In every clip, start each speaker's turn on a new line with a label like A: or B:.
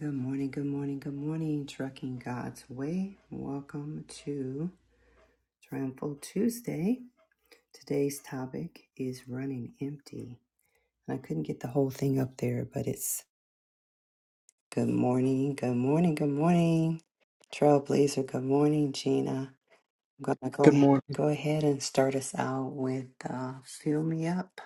A: Good morning, good morning, good morning, Trucking God's Way. Welcome to Triumphal Tuesday. Today's topic is running empty. I couldn't get the whole thing up there, but it's good morning, good morning, good morning, Trailblazer. Good morning, Gina. I'm gonna go
B: Good
A: ahead,
B: morning.
A: go ahead and start us out with uh, "Fill Me Up."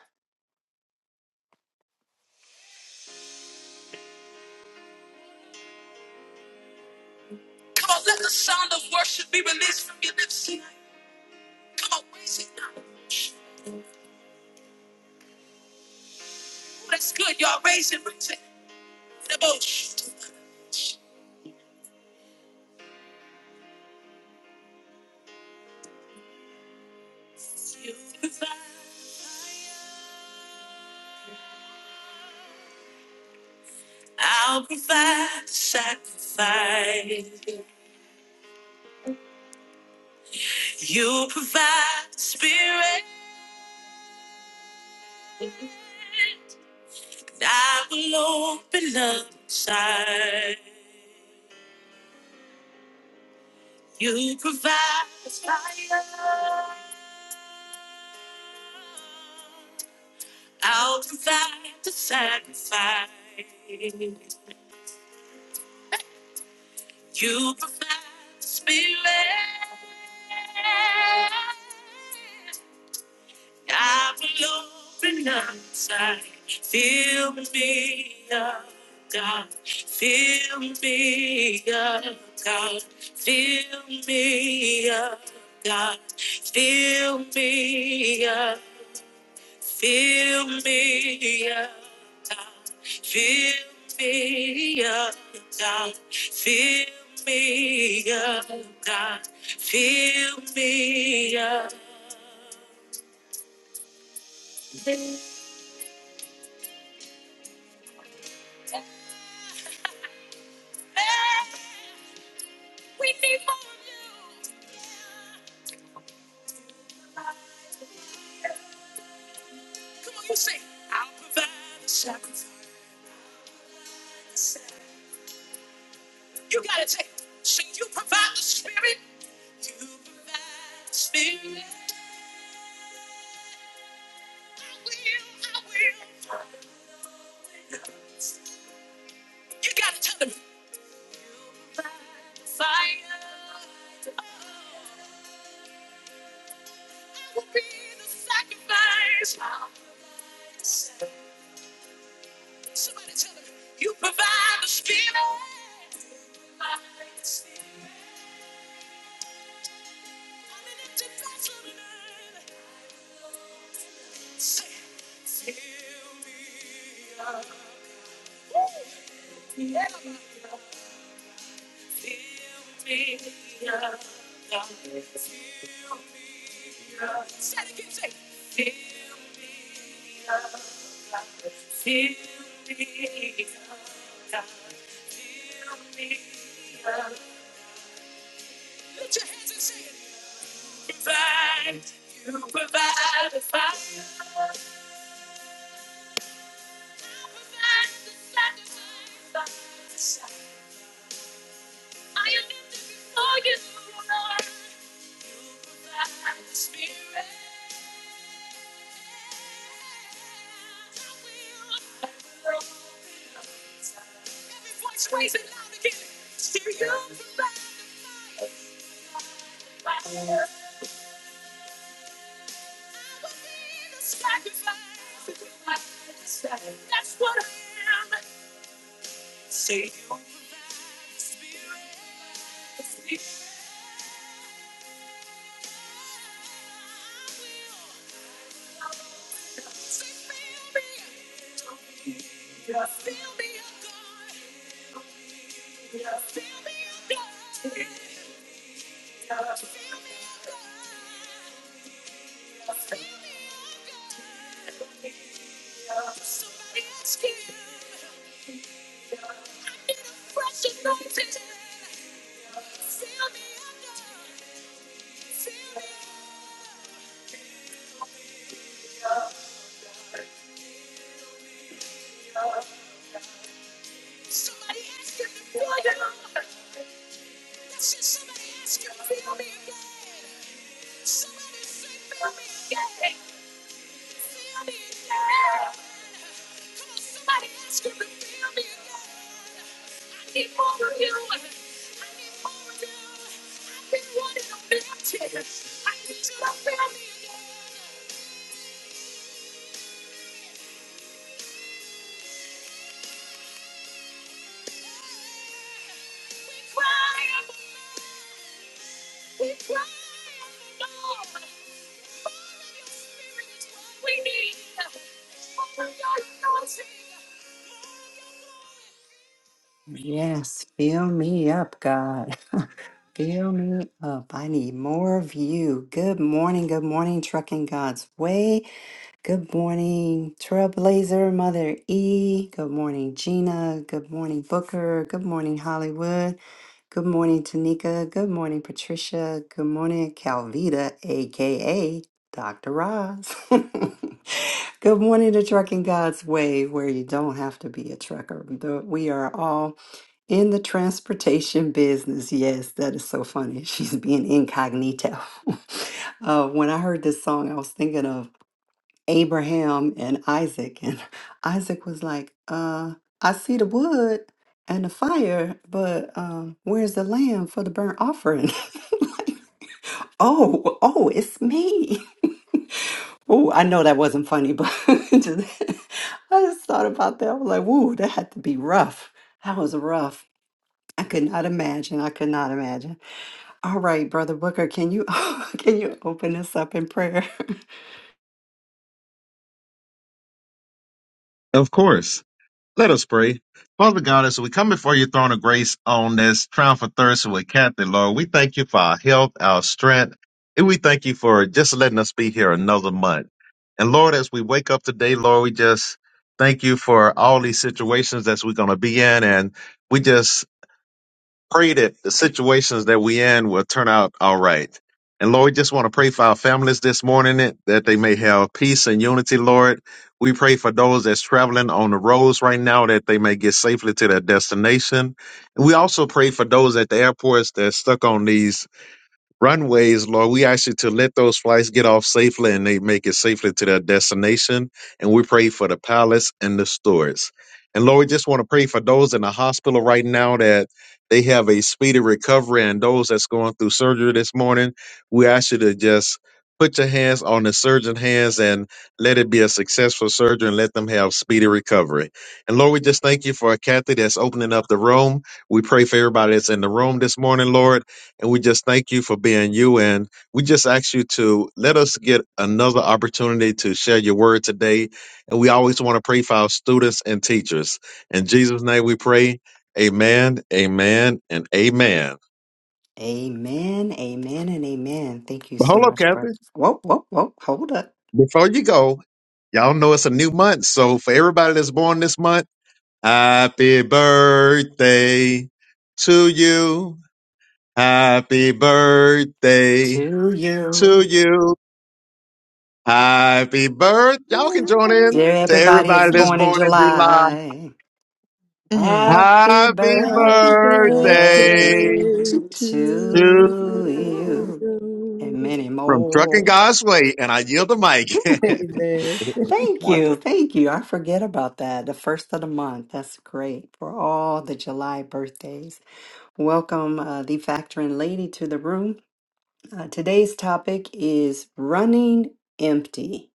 A: Yes, fill me up, God. Fill me up. I need more of you. Good morning. Good morning, Trucking God's Way. Good morning, Trailblazer, Mother E. Good morning, Gina. Good morning, Booker. Good morning, Hollywood. Good morning, Tanika. Good morning, Patricia. Good morning, Calvita, aka Dr. Roz. Good morning to Trucking God's Way, where you don't have to be a trucker. The- We are all in the transportation business, yes, that is so funny. She's being incognito. uh, when I heard this song, I was thinking of Abraham and Isaac, and Isaac was like, uh, I see the wood and the fire, but um, where's the lamb for the burnt offering? Like, oh, oh, it's me. oh, I know that wasn't funny, but just, I just thought about that. I was like, woo, that had to be rough. That was rough. I could not imagine. I could not imagine. All right, Brother Booker, can you can you open us up in prayer?
C: Of course. Let us pray. Father God, as we come before your throne of grace on this Triumphal Thursday with Catherine, Lord, we thank you for our health, our strength, and we thank you for just letting us be here another month. And Lord, as we wake up today, Lord, we just thank you for all these situations that we're going to be in. And we just pray that the situations that we in will turn out all right. And Lord, we just want to pray for our families this morning that that they may have peace and unity, Lord. We pray for those that's traveling on the roads right now that they may get safely to their destination. And we also pray for those at the airports that's stuck on these runways, Lord. We ask you to let those flights get off safely and they make it safely to their destination. And we pray for the pilots and the stewards. And Lord, we just want to pray for those in the hospital right now that they have a speedy recovery and those that's going through surgery this morning. We ask you to just put your hands on the surgeon's hands and let it be a successful surgery and let them have speedy recovery. And Lord, we just thank you for Kathy that's opening up the room. We pray for everybody that's in the room this morning, Lord and we just thank you for being you. And we just ask you to let us get another opportunity to share your word today. And we always want to pray for our students and teachers. In Jesus' name we pray. Amen, amen, and amen.
A: amen, amen, and amen. Thank you
C: But
A: so
C: hold up,
A: much, brother.
C: Kathy.
A: Whoa, whoa, whoa, hold up.
C: Before you go, y'all know it's a new month. So for everybody that's born this month, happy birthday to you. Happy birthday
A: To
C: to
A: you.
C: you. Happy birth. Y'all can join in
A: Dear
C: to
A: everybody
C: everybody
A: is
C: that's
A: born in
C: born in July.
A: July.
B: Mm.
A: Happy
C: Happy
B: Happy
C: birthday
A: birthday
B: birthday to
C: to
A: to you and
B: you.
A: many
C: from Trucking
A: more.
C: God's Way. And I yield the mic.
B: Amen.
A: Thank you. Thank you. I forget about that. The first of the month. That's great for all the July birthdays. Welcome, uh, the factoring lady, to the room. Uh, today's topic is running empty.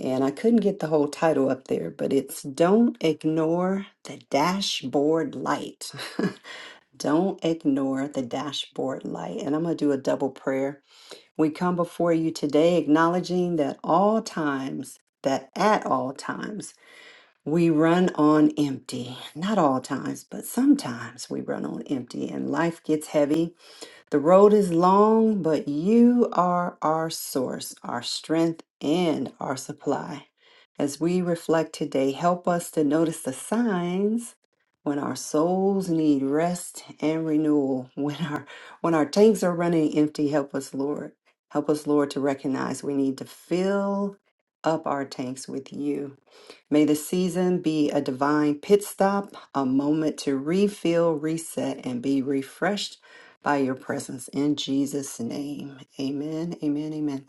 A: And I couldn't get the whole title up there, but it's Don't Ignore the Dashboard Light. Don't ignore the dashboard light. And I'm going to do a double prayer we come before you today acknowledging that all times, that at all times, we run on empty. Not all times, but sometimes we run on empty and life gets heavy the road is long, but you are our source, our strength, and our supply. As we reflect today, help us to notice the signs when our souls need rest and renewal, when our when our tanks are running empty, help us, Lord. Help us, Lord, to recognize we need to fill up our tanks with you May the season be a divine pit stop, a moment to refill, reset, and be refreshed by your presence in Jesus' name. Amen. Amen. Amen.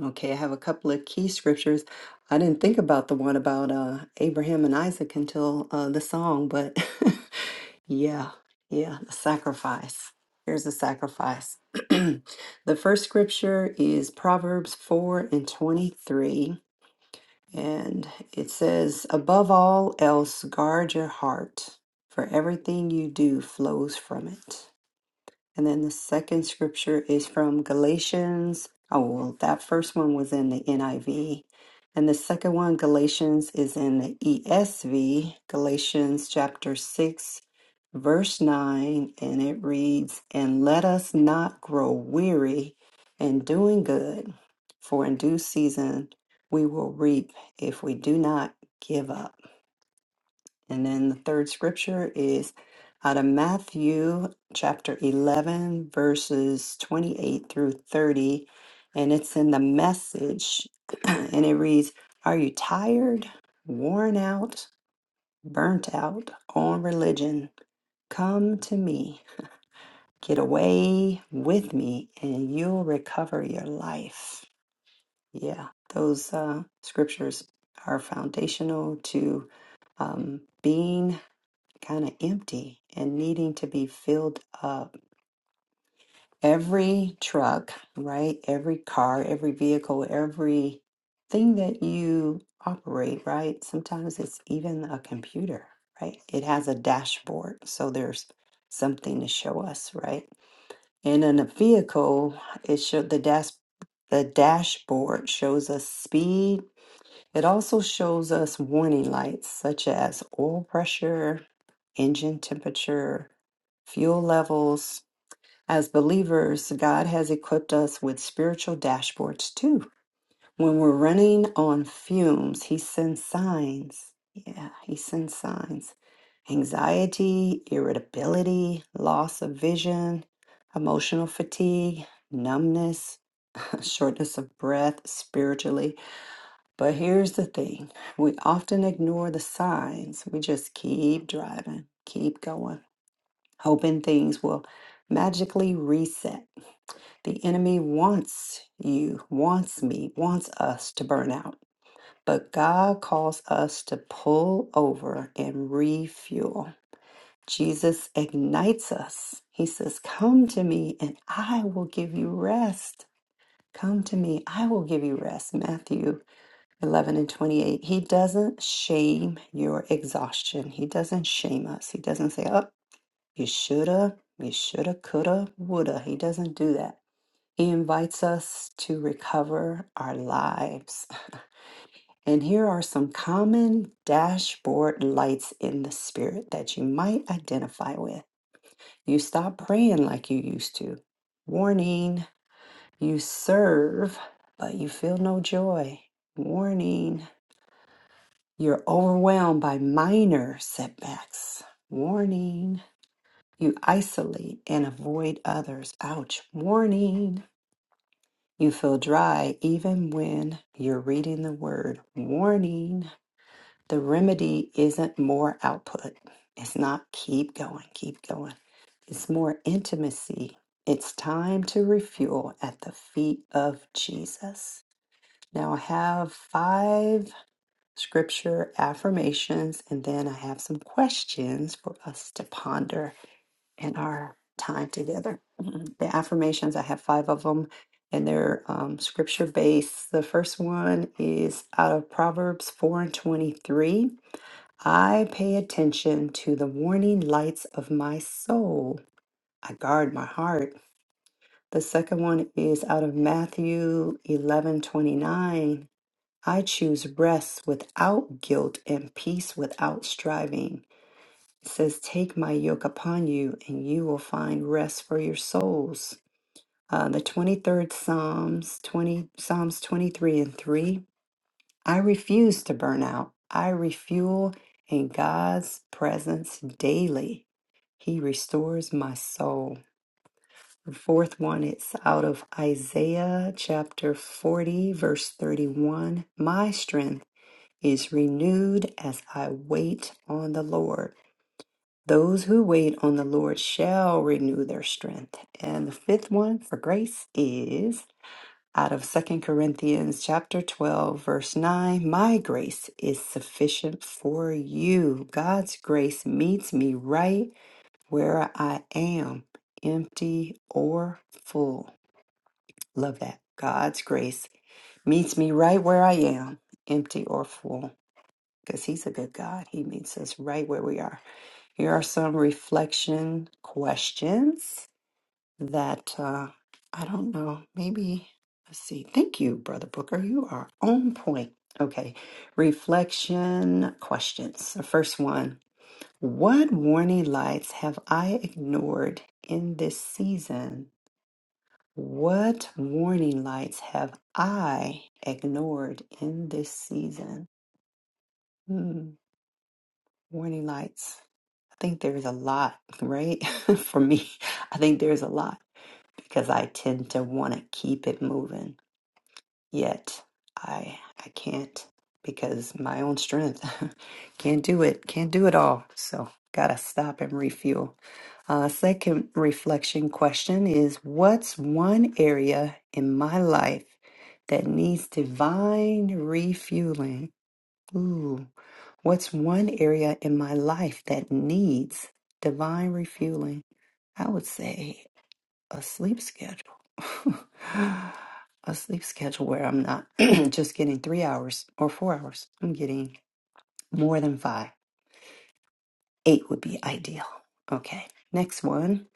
A: Okay, I have a couple of key scriptures. I didn't think about the one about uh, Abraham and Isaac until uh, the song, but yeah, yeah, the sacrifice. Here's the sacrifice. the first scripture is Proverbs 4 and 23. And it says, above all else, guard your heart, for everything you do flows from it. And then the second scripture is from Galatians. Oh, well, that first one was in the NIV. And the second one, Galatians, is in the ESV, Galatians chapter 6, verse 9. And it reads, And let us not grow weary in doing good, for in due season we will reap if we do not give up. And then the third scripture is out of Matthew chapter 11, verses 28 through 30. And it's in the message. And it reads Are you tired, worn out, burnt out on religion? Come to me. Get away with me, and you'll recover your life. Yeah, those uh, scriptures are foundational to um, being kind of empty and needing to be filled up. Every truck, right? Every car, every vehicle, every thing that you operate, right? Sometimes it's even a computer, right? It has a dashboard, so there's something to show us, right? And in a vehicle, it showed the dash the dashboard shows us speed. It also shows us warning lights such as oil pressure, engine temperature, fuel levels. As believers, God has equipped us with spiritual dashboards too. When we're running on fumes, He sends signs. Yeah, He sends signs. Anxiety, irritability, loss of vision, emotional fatigue, numbness, shortness of breath spiritually. But here's the thing we often ignore the signs, we just keep driving. Keep going hoping things will magically reset. The enemy wants you, wants me, wants us to burn out. But God calls us to pull over and refuel. Jesus ignites us. He says, Come to me and I will give you rest. Come to me, I will give you rest. Matthew 11 and 28. He doesn't shame your exhaustion. He doesn't shame us. He doesn't say, oh, you shoulda, you shoulda, coulda, woulda. He doesn't do that. He invites us to recover our lives. And here are some common dashboard lights in the spirit that you might identify with. You stop praying like you used to. Warning, you serve, but you feel no joy. Warning, you're overwhelmed by minor setbacks. Warning. You isolate and avoid others. Ouch. Warning. You feel dry even when you're reading the word. Warning. The remedy isn't more output. It's not keep going, keep going. It's more intimacy. It's time to refuel at the feet of Jesus. Now I have five scripture affirmations and then I have some questions for us to ponder in our time together. Mhm. The affirmations, I have five of them, and they're um, scripture based. The first one is out of Proverbs 4 and 23. I pay attention to the warning lights of my soul, I guard my heart. The second one is out of Matthew 11 29. I choose rest without guilt and peace without striving. It says, Take my yoke upon you, and you will find rest for your souls. Uh, the 23rd Psalms, 20, Psalms 23 and 3. I refuse to burn out. I refuel in God's presence daily. He restores my soul. The fourth one, it's out of Isaiah chapter 40, verse 31. My strength is renewed as I wait on the Lord. Those who wait on the Lord shall renew their strength. And the fifth one for grace is out of Second Corinthians chapter 12 verse 9, my grace is sufficient for you. God's grace meets me right where I am, empty or full. Love that. God's grace meets me right where I am, empty or full, because he's a good God. He meets us right where we are. Here are some reflection questions that uh, I don't know. Maybe, let's see. Thank you, Brother Booker. You are on point. Okay. Reflection questions. The first one What warning lights have I ignored in this season? What warning lights have I ignored in this season? Hmm, warning lights. think there's a lot, right? For me, I think there's a lot because I tend to want to keep it moving. Yet I I can't because my own strength can't do it. Can't do it all. So gotta stop and refuel. Uh, second reflection question is what's one area in my life that needs divine refueling? Ooh, What's one area in my life that needs divine refueling? I would say a sleep schedule. a sleep schedule where I'm not just getting three hours or four hours. I'm getting more than five. Eight would be ideal. Okay, next one.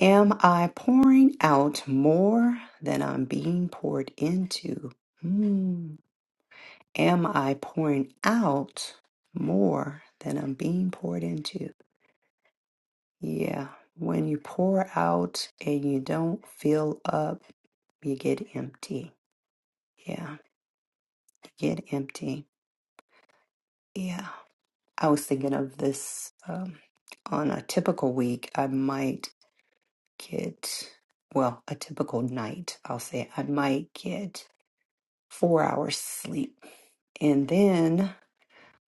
A: Am I pouring out more than I'm being poured into? Hmm. Am I pouring out more than I'm being poured into? Yeah, when you pour out and you don't fill up, you get empty. Yeah, you get empty. Yeah. I was thinking of this um, on a typical week, I might get, well, a typical night, I'll say, I might get four hours sleep. And then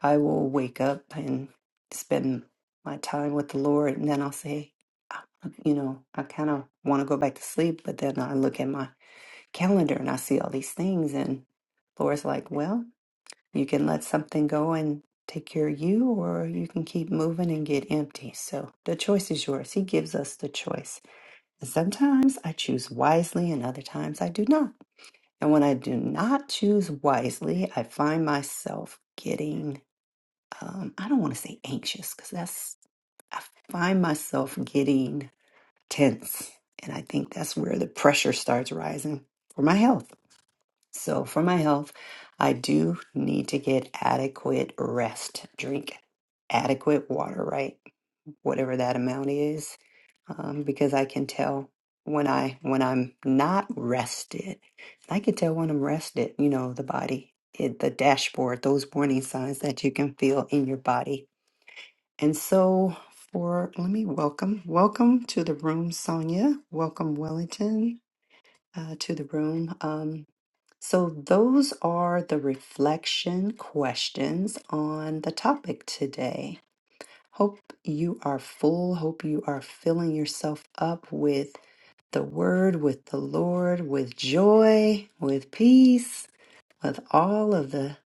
A: I will wake up and spend my time with the Lord. And then I'll say, "Ah, you know, I kind of want to go back to sleep, but then I look at my calendar and I see all these things. And Laura's like, well, you can let something go and take care of you, or you can keep moving and get empty. So the choice is yours. He gives us the choice. And sometimes I choose wisely, and other times I do not. And when I do not choose wisely, I find myself getting, um, I don't want to say anxious, because that's, I find myself getting tense. And I think that's where the pressure starts rising for my health so, for my health, I do need to get adequate rest, drink adequate water, right? Whatever that amount is, um, because I can tell when I when I'm not rested. I can tell when I'm rested. You know, the body, it, the dashboard, those warning signs that you can feel in your body. And so, for let me welcome, welcome to the room, Sonia. Welcome, Wellington, uh, to the room. Um, so, those are the reflection questions on the topic today. Hope you are full. Hope you are filling yourself up with the Word, with the Lord, with joy, with peace, with all of the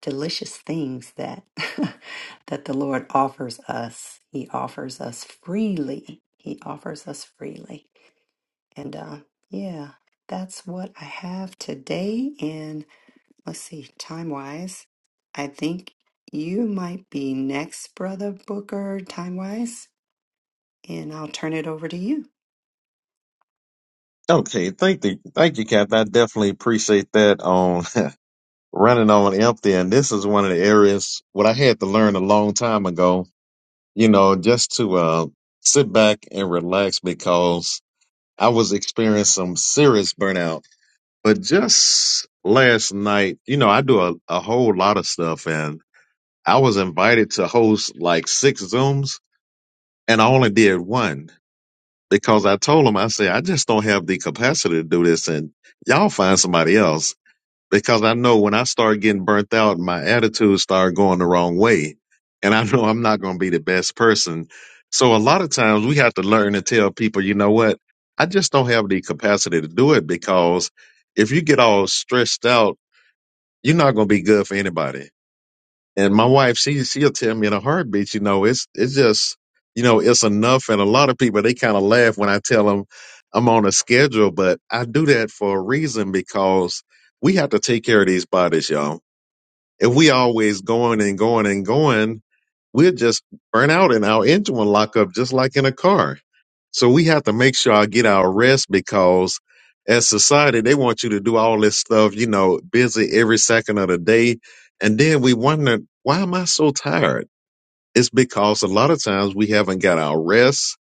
A: delicious things that that the Lord offers us. He offers us freely. He offers us freely. And uh, yeah, that's what I have today. And let's see, time wise, I think you might be next, Brother Booker, time wise, and I'll turn it over to you.
C: okay. Thank you. Thank you, Kath. I definitely appreciate that on running on empty. And this is one of the areas what I had to learn a long time ago, you know, just to, uh, sit back and relax because I was experiencing some serious burnout But just last night, you know, I do a, a whole lot of stuff and I was invited to host like six Zooms and I only did one because I told them, I said, I just don't have the capacity to do this and y'all find somebody else because I know when I start getting burnt out, my attitude start going the wrong way and I know I'm not going to be the best person. So a lot of times we have to learn to tell people, you know what? I just don't have the capacity to do it because if you get all stressed out you're not gonna be good for anybody. And my wife, she she'll tell me in a heartbeat, you know, it's it's just you know, it's enough. And a lot of people they kind of laugh when I tell them I'm on a schedule, but I do that for a reason because we have to take care of these bodies, y'all. If we always going and going and going, we'll just burn out and our engine will lock up just like in a car. So we have to make sure I get our rest because as society, they want you to do all this stuff, you know, busy every second of the day. And then we wonder, why am I so tired? It's because a lot of times we haven't got our rest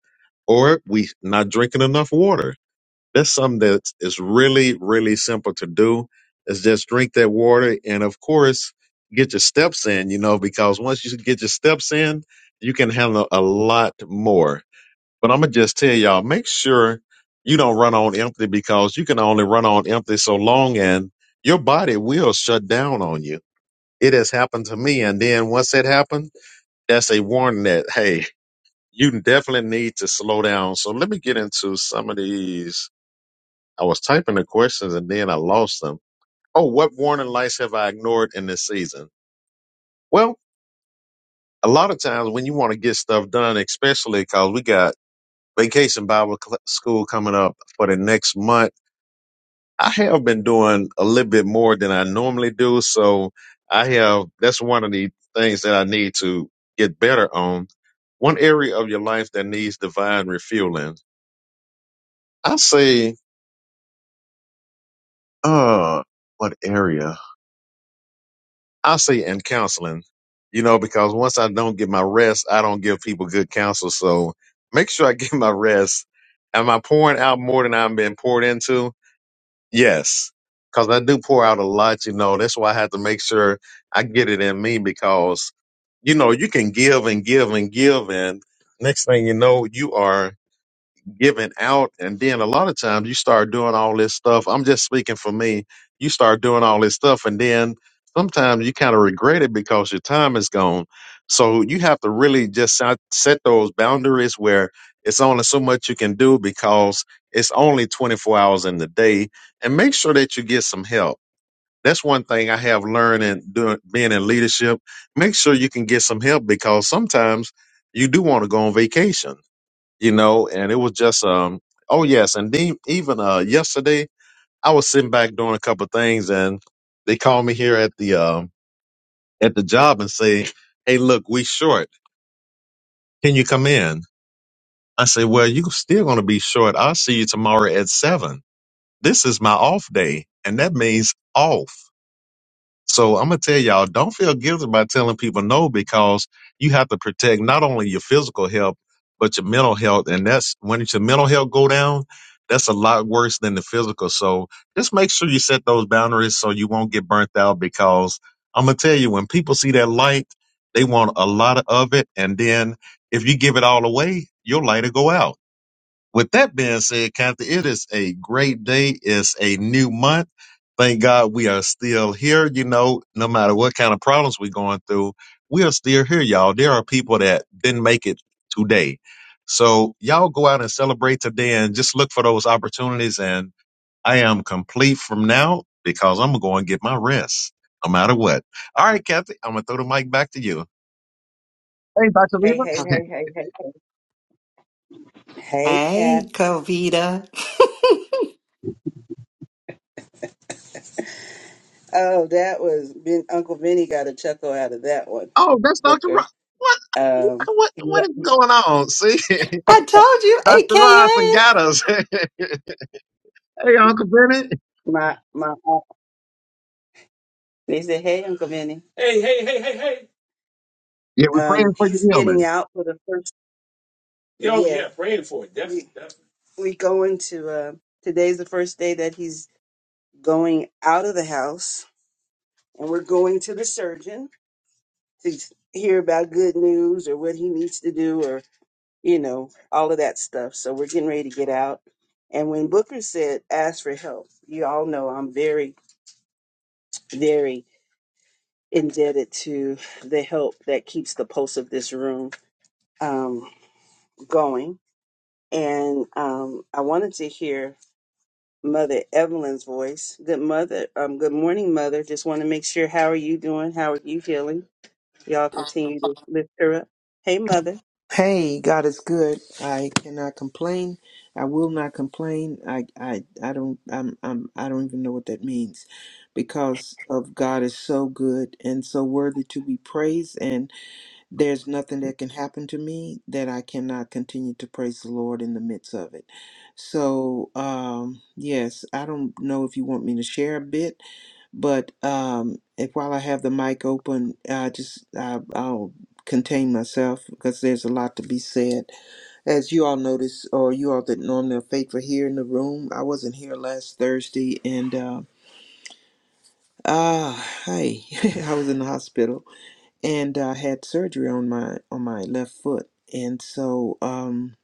C: or we not drinking enough water. That's something that is really, really simple to do. Is just drink that water and of course get your steps in, you know, because once you get your steps in, you can handle a lot more. But I'm gonna just tell y'all, make sure you don't run on empty because you can only run on empty so long and your body will shut down on you. It has happened to me. And then once that happened, that's a warning that, hey, you definitely need to slow down. So let me get into some of these I was typing the questions and then I lost them. Oh, what warning lights have I ignored in this season? Well, a lot of times when you want to get stuff done, especially because we got vacation Bible cl- school coming up for the next month, I have been doing a little bit more than I normally do. So I have, that's one of the things that I need to get better on. One area of your life that needs divine refueling. I say, uh, what area? I say in counseling, you know, because once I don't get my rest, I don't give people good counsel. So make sure I get my rest. Am I pouring out more than I'm being poured into? Yes. Cause I do pour out a lot, you know. That's why I have to make sure I get it in me because, you know, you can give and give and give and next thing you know, you are giving out and then a lot of times you start doing all this stuff i'm just speaking for me you start doing all this stuff and then sometimes you kind of regret it because your time is gone so you have to really just set set those boundaries where it's only so much you can do because it's only 24 hours in the day and make sure that you get some help that's one thing i have learned in doing being in leadership make sure you can get some help because sometimes you do want to go on vacation you know, and it was just um oh yes, and then even uh yesterday I was sitting back doing a couple of things and they called me here at the um at the job and say, Hey look, we short. Can you come in? I said, Well, you still gonna be short. I'll see you tomorrow at seven. This is my off day, and that means off. So I'm gonna tell y'all, don't feel guilty about telling people no because you have to protect not only your physical health but your mental health, and that's when your mental health go down, that's a lot worse than the physical. So just make sure you set those boundaries so you won't get burnt out because I'm gonna tell you, when people see that light, they want a lot of it, and then if you give it all away, your light will go out. With that being said, Captain, it is a great day. It's a new month. Thank God we are still here. You know, no matter what kind of problems we're going through, we are still here, y'all. There are people that didn't make it today. So y'all go out and celebrate today and just look for those opportunities. And I am complete from now because I'm going to get my rest no matter what. All right, Kathy, I'm going to throw the mic back to you. Hey, Dr.
D: Hey,
C: Lever.
D: hey,
A: Oh,
D: hey, hey, hey, hey. Hey,
A: Hey,
D: Cat.
A: Covita.
D: Oh, that was ben, Uncle Vinny got a chuckle out of that one,
C: Oh, that's Dr.
D: Booker.
C: Rock. What?
D: Um,
C: What?
D: yeah,
C: What is going on? See?
A: I told you,
C: Dr. Robinson got
A: AKA.
C: us. hey, Uncle Bennett.
D: my my. aunt- They said, "Hey, Uncle Vinny." Hey, hey, hey, hey, hey.
C: Yeah, we're
D: Um,
C: praying for your
D: he's getting
C: healing.
D: out for the first. Yo, Yeah, yeah, praying for it. Definitely, definitely. we going to. Uh, today's the first day that he's going out of the house, and we're going to the surgeon to hear about good news or what he needs to do you know, all of that stuff. So we're getting ready to get out. And when Booker said, ask for help, you all know I'm very, very indebted to the help that keeps the pulse of this room um, going. And um, I wanted to hear Mother Evelyn's voice. Good mother, um, good morning, Mother. Just want to make sure, how are you doing? How are you feeling? Y'all continue to lift her up. Hey, Mother.
B: I want these, but God is so good and so worthy to be praised, and there's nothing that can happen to me that I cannot continue to praise the Lord in the midst of it. So, um, yes, I don't know if you want me to share a bit But um, if while I have the mic open, I just I, I'll contain myself because there's a lot to be said. As you all notice, or you all that normally are faithful here in the room, I wasn't here last Thursday, and uh, ah, hey, I was in the hospital and I had surgery on my on my left foot, and so um,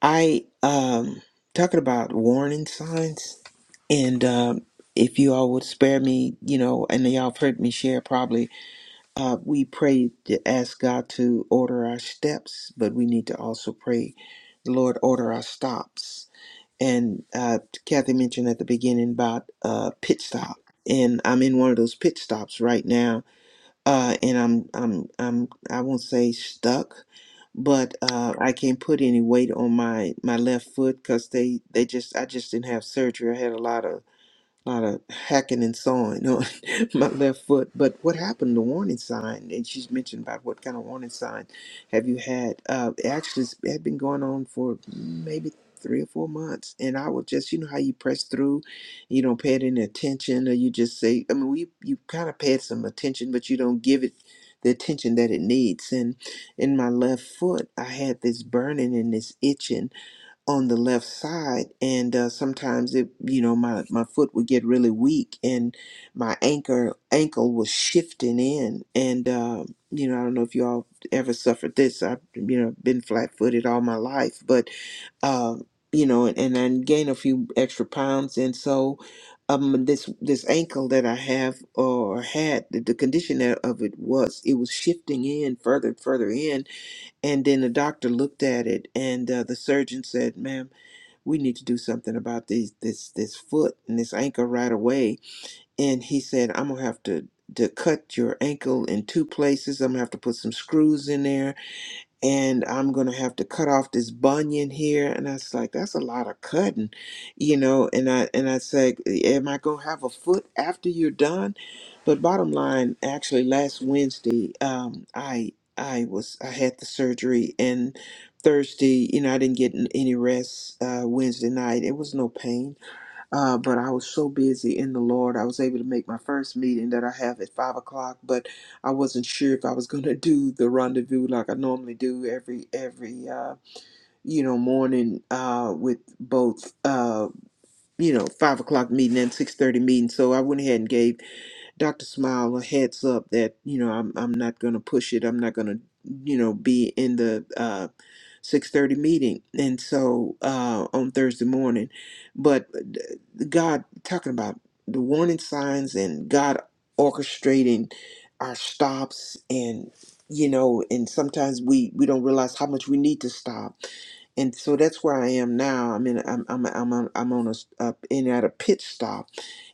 B: I um, talking about warning signs, and um, if you all would spare me, you know, and y'all have heard me share probably Uh, we pray to ask God to order our steps, but we need to also pray, Lord, order our stops. And uh, Kathy mentioned at the beginning about uh, pit stop, and I'm in one of those pit stops right now, uh, and I'm I'm I'm I won't say stuck, but uh, I can't put any weight on my my left foot because they they just I just didn't have surgery. I had a lot of lot of hacking and sawing on my left foot. But what happened? The warning sign, and she's mentioned about what kind of warning sign have you had? Uh, it actually, it had been going on for maybe three or four months, and I would just, you know, how you press through, you don't pay it any attention, or you just say, I mean, we you kind of pay it some attention, but you don't give it the attention that it needs. And in my left foot, I had this burning and this itching on the left side and uh, sometimes it you know my my foot would get really weak and my anchor ankle was shifting in and uh, you know I don't know if you all ever suffered this I've you know been flat footed all my life but uh, you know and, and I gained a few extra pounds and so um this this ankle that I have or had the, the condition that- of it was it was shifting in further and further in and then the doctor looked at it and uh, the surgeon said ma'am we need to do something about these this this foot and this ankle right away and he said i'm gonna have to to cut your ankle in two places i'm gonna have to put some screws in there and I'm gonna have to cut off this bunion here. And I was like, that's a lot of cutting, you know. And I and I said, am I gonna have a foot after you're done? But bottom line, actually, last Wednesday, um, I I was I had the surgery and Thursday, you know, I didn't get n- any rest. Uh, Wednesday night, it was no pain uh, but I was so busy in the Lord, I was able to make my first meeting that I have at five o'clock. But I wasn't sure if I was going to do the rendezvous like I normally do every every uh, you know morning uh, with both uh, you know five o'clock meeting and six thirty meeting. So I went ahead and gave Doctor Smile a heads up that you know I'm I'm not going to push it. I'm not going to you know be in the uh, 6:30 meeting, and so uh, on Thursday morning. But uh, God talking about the warning signs and God orchestrating our stops and you know and sometimes we we don't realize how much we need to stop and so that's where i am now i mean i'm i'm i'm on, I'm on a s- up in at a pit stop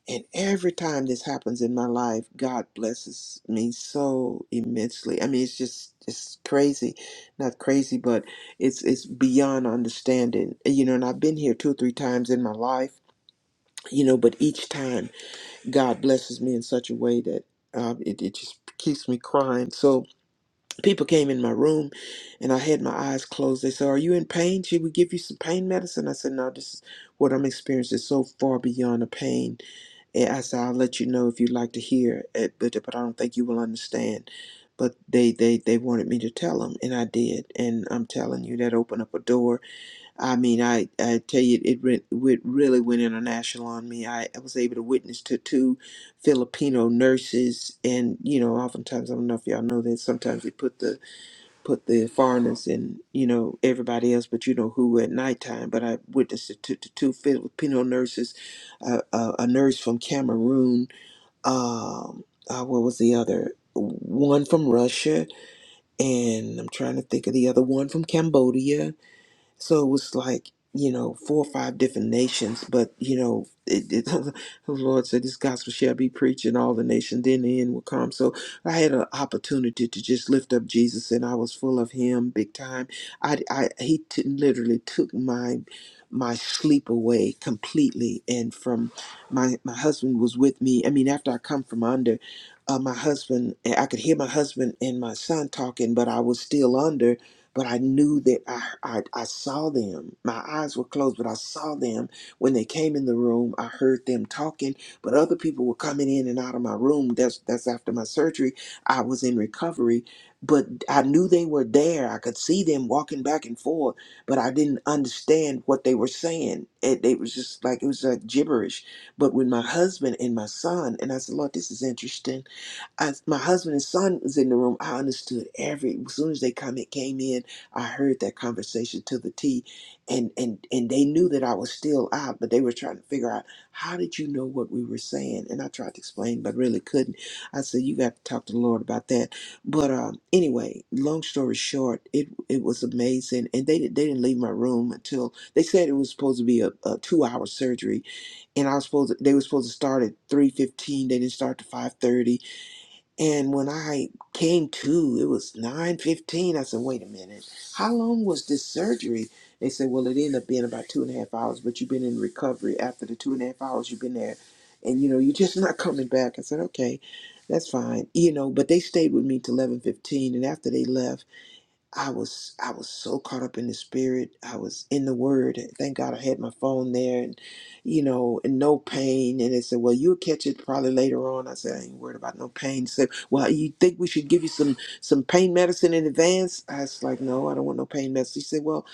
B: and every time this happens in my life god blesses me so immensely i mean it's just it's crazy not crazy but it's it's beyond understanding. You know, and I've been here two or three times in my life. You know, but each time God blesses me in such a way that um, it it just keeps me crying. So people came in my room, and I had my eyes closed. They said, "Are you in pain? Should we give you some pain medicine?" I said, "No, this is what I'm experiencing is so far beyond the pain and I said, I'll let you know if you'd like to hear it, but, but I don't think you will understand. But they, they, they wanted me to tell them, and I did. And I'm telling you, that opened up a door I mean, I, I tell you, it, re- it really went international on me. I, I was able to witness to two Filipino nurses, and you know, oftentimes I don't know if y'all know that sometimes they put the put the foreigners and you know everybody else, but you know who at nighttime. But I witnessed it to, to two Filipino nurses, uh, uh, a nurse from Cameroon, um, uh, what was the other? One from Russia, and I'm trying to think of the other one from Cambodia so it was like, you know, four or five different nations, but you know, it, it, the Lord said, "This gospel shall be preached in all the nations, then the end will come." So I had an opportunity to just lift up Jesus, and I was full of Him big time. I, I He t- literally took my my sleep away completely, and from my my husband was with me. I mean, after I come from under, uh, my husband, I could hear my husband and my son talking, but I was still under, but I knew that I, I I saw them. My eyes were closed, but I saw them when they came in the room. I heard them talking, but other people were coming in and out of my room. That's that's after my surgery. I was in recovery, but I knew they were there. I could see them walking back and forth, but I didn't understand what they were saying. It, it was just like it was like gibberish. But with my husband and my son, and I said, Lord, this is interesting. I, my husband and son was in the room. I understood every. As soon as they come, it came in. I heard that conversation to the T, and and and they knew that I was still out, but they were trying to figure out how did you know what we were saying? And I tried to explain, but really couldn't. I said you got to talk to the Lord about that. But um, anyway, long story short, it it was amazing, and they did- they didn't leave my room until they said it was supposed to be a, a two hour surgery, and I was supposed to, they were supposed to start at three fifteen. They didn't start to five thirty and when I came to, it was 9.15. I said, wait a minute. How long was this surgery? They said, well, it ended up being about two and a half hours, but you've been in recovery after the two and a half hours you've been there. And, you know, you're just not coming back. I said, okay, that's fine. You know, but they stayed with me till 11.15. And after they left, I was I was so caught up in the spirit. I was in the word. Thank God I had my phone there and you know, and no pain. And they said, Well, you'll catch it probably later on. I said, I ain't worried about no pain. They said, Well, you think we should give you some some pain medicine in advance? I was like, No, I don't want no pain medicine. He said, Well,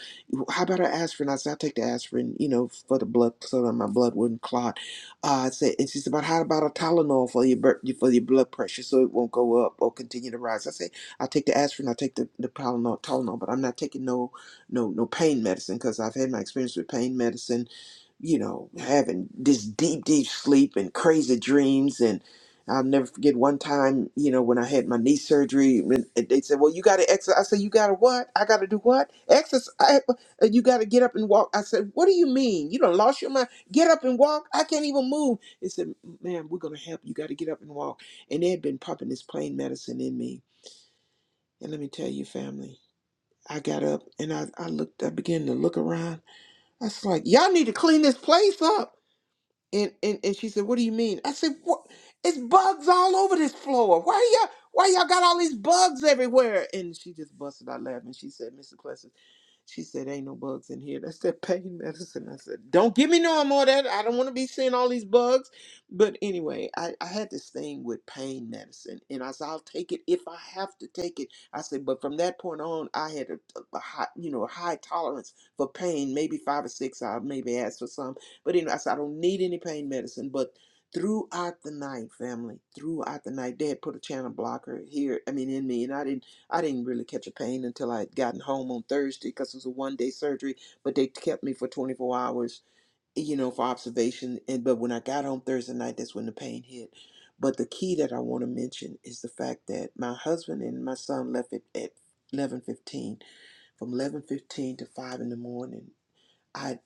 B: how about an aspirin? I said, I'll take the aspirin, you know, for the blood so that my blood wouldn't clot. Uh, I said, and she said, But how about a Tylenol for your bur- for your blood pressure so it won't go up or continue to rise? I said I take the aspirin, I take the, the Tylenol, Tylenol, but I'm not taking no no no pain medicine because I've had my experience with pain medicine. You know, having this deep deep sleep and crazy dreams, and I'll never forget one time. You know, when I had my knee surgery, when- and they said, "Well, you got to exercise." I said, "You got to what? I got to do what? Exercise? You got to get up and walk." I said, "What do you mean? You don't lost your mind? Get up and walk? I can't even move." They said, "Ma'am, we're gonna help. You got to get up and walk." And they had been pumping this pain medicine in me and let me tell you, family, I got up and I, I looked, I began to look around. I was like, y'all need to clean this place up. And, and and she said, "What do you mean?" I said, "What? It's bugs all over this floor. Why y'all? Why y'all got all these bugs everywhere?" And she just busted out laughing. She said, "Mr. Plessy, she said, "Ain't no bugs in here. That's that pain medicine." I said, "Don't give me no more of that. I don't want to be seeing all these bugs." But anyway, I, I had this thing with pain medicine, and I said, "I'll take it if I have to take it." I said, "But from that point on, I had a, a high, you know, a high tolerance for pain. Maybe five or six. I maybe asked for some." But anyway, I said, I don't need any pain medicine. But throughout the night, family, throughout the night, they had put a channel blocker here, I mean, in me. And I didn't, I didn't really catch a pain until I had gotten home on Thursday because it was a one day surgery, but they kept me for 24 hours, you know, for observation. And, but when I got home Thursday night, that's when the pain hit. But the key that I want to mention is the fact that my husband and my son left it at 11:15 from 11:15 to 5 in the morning I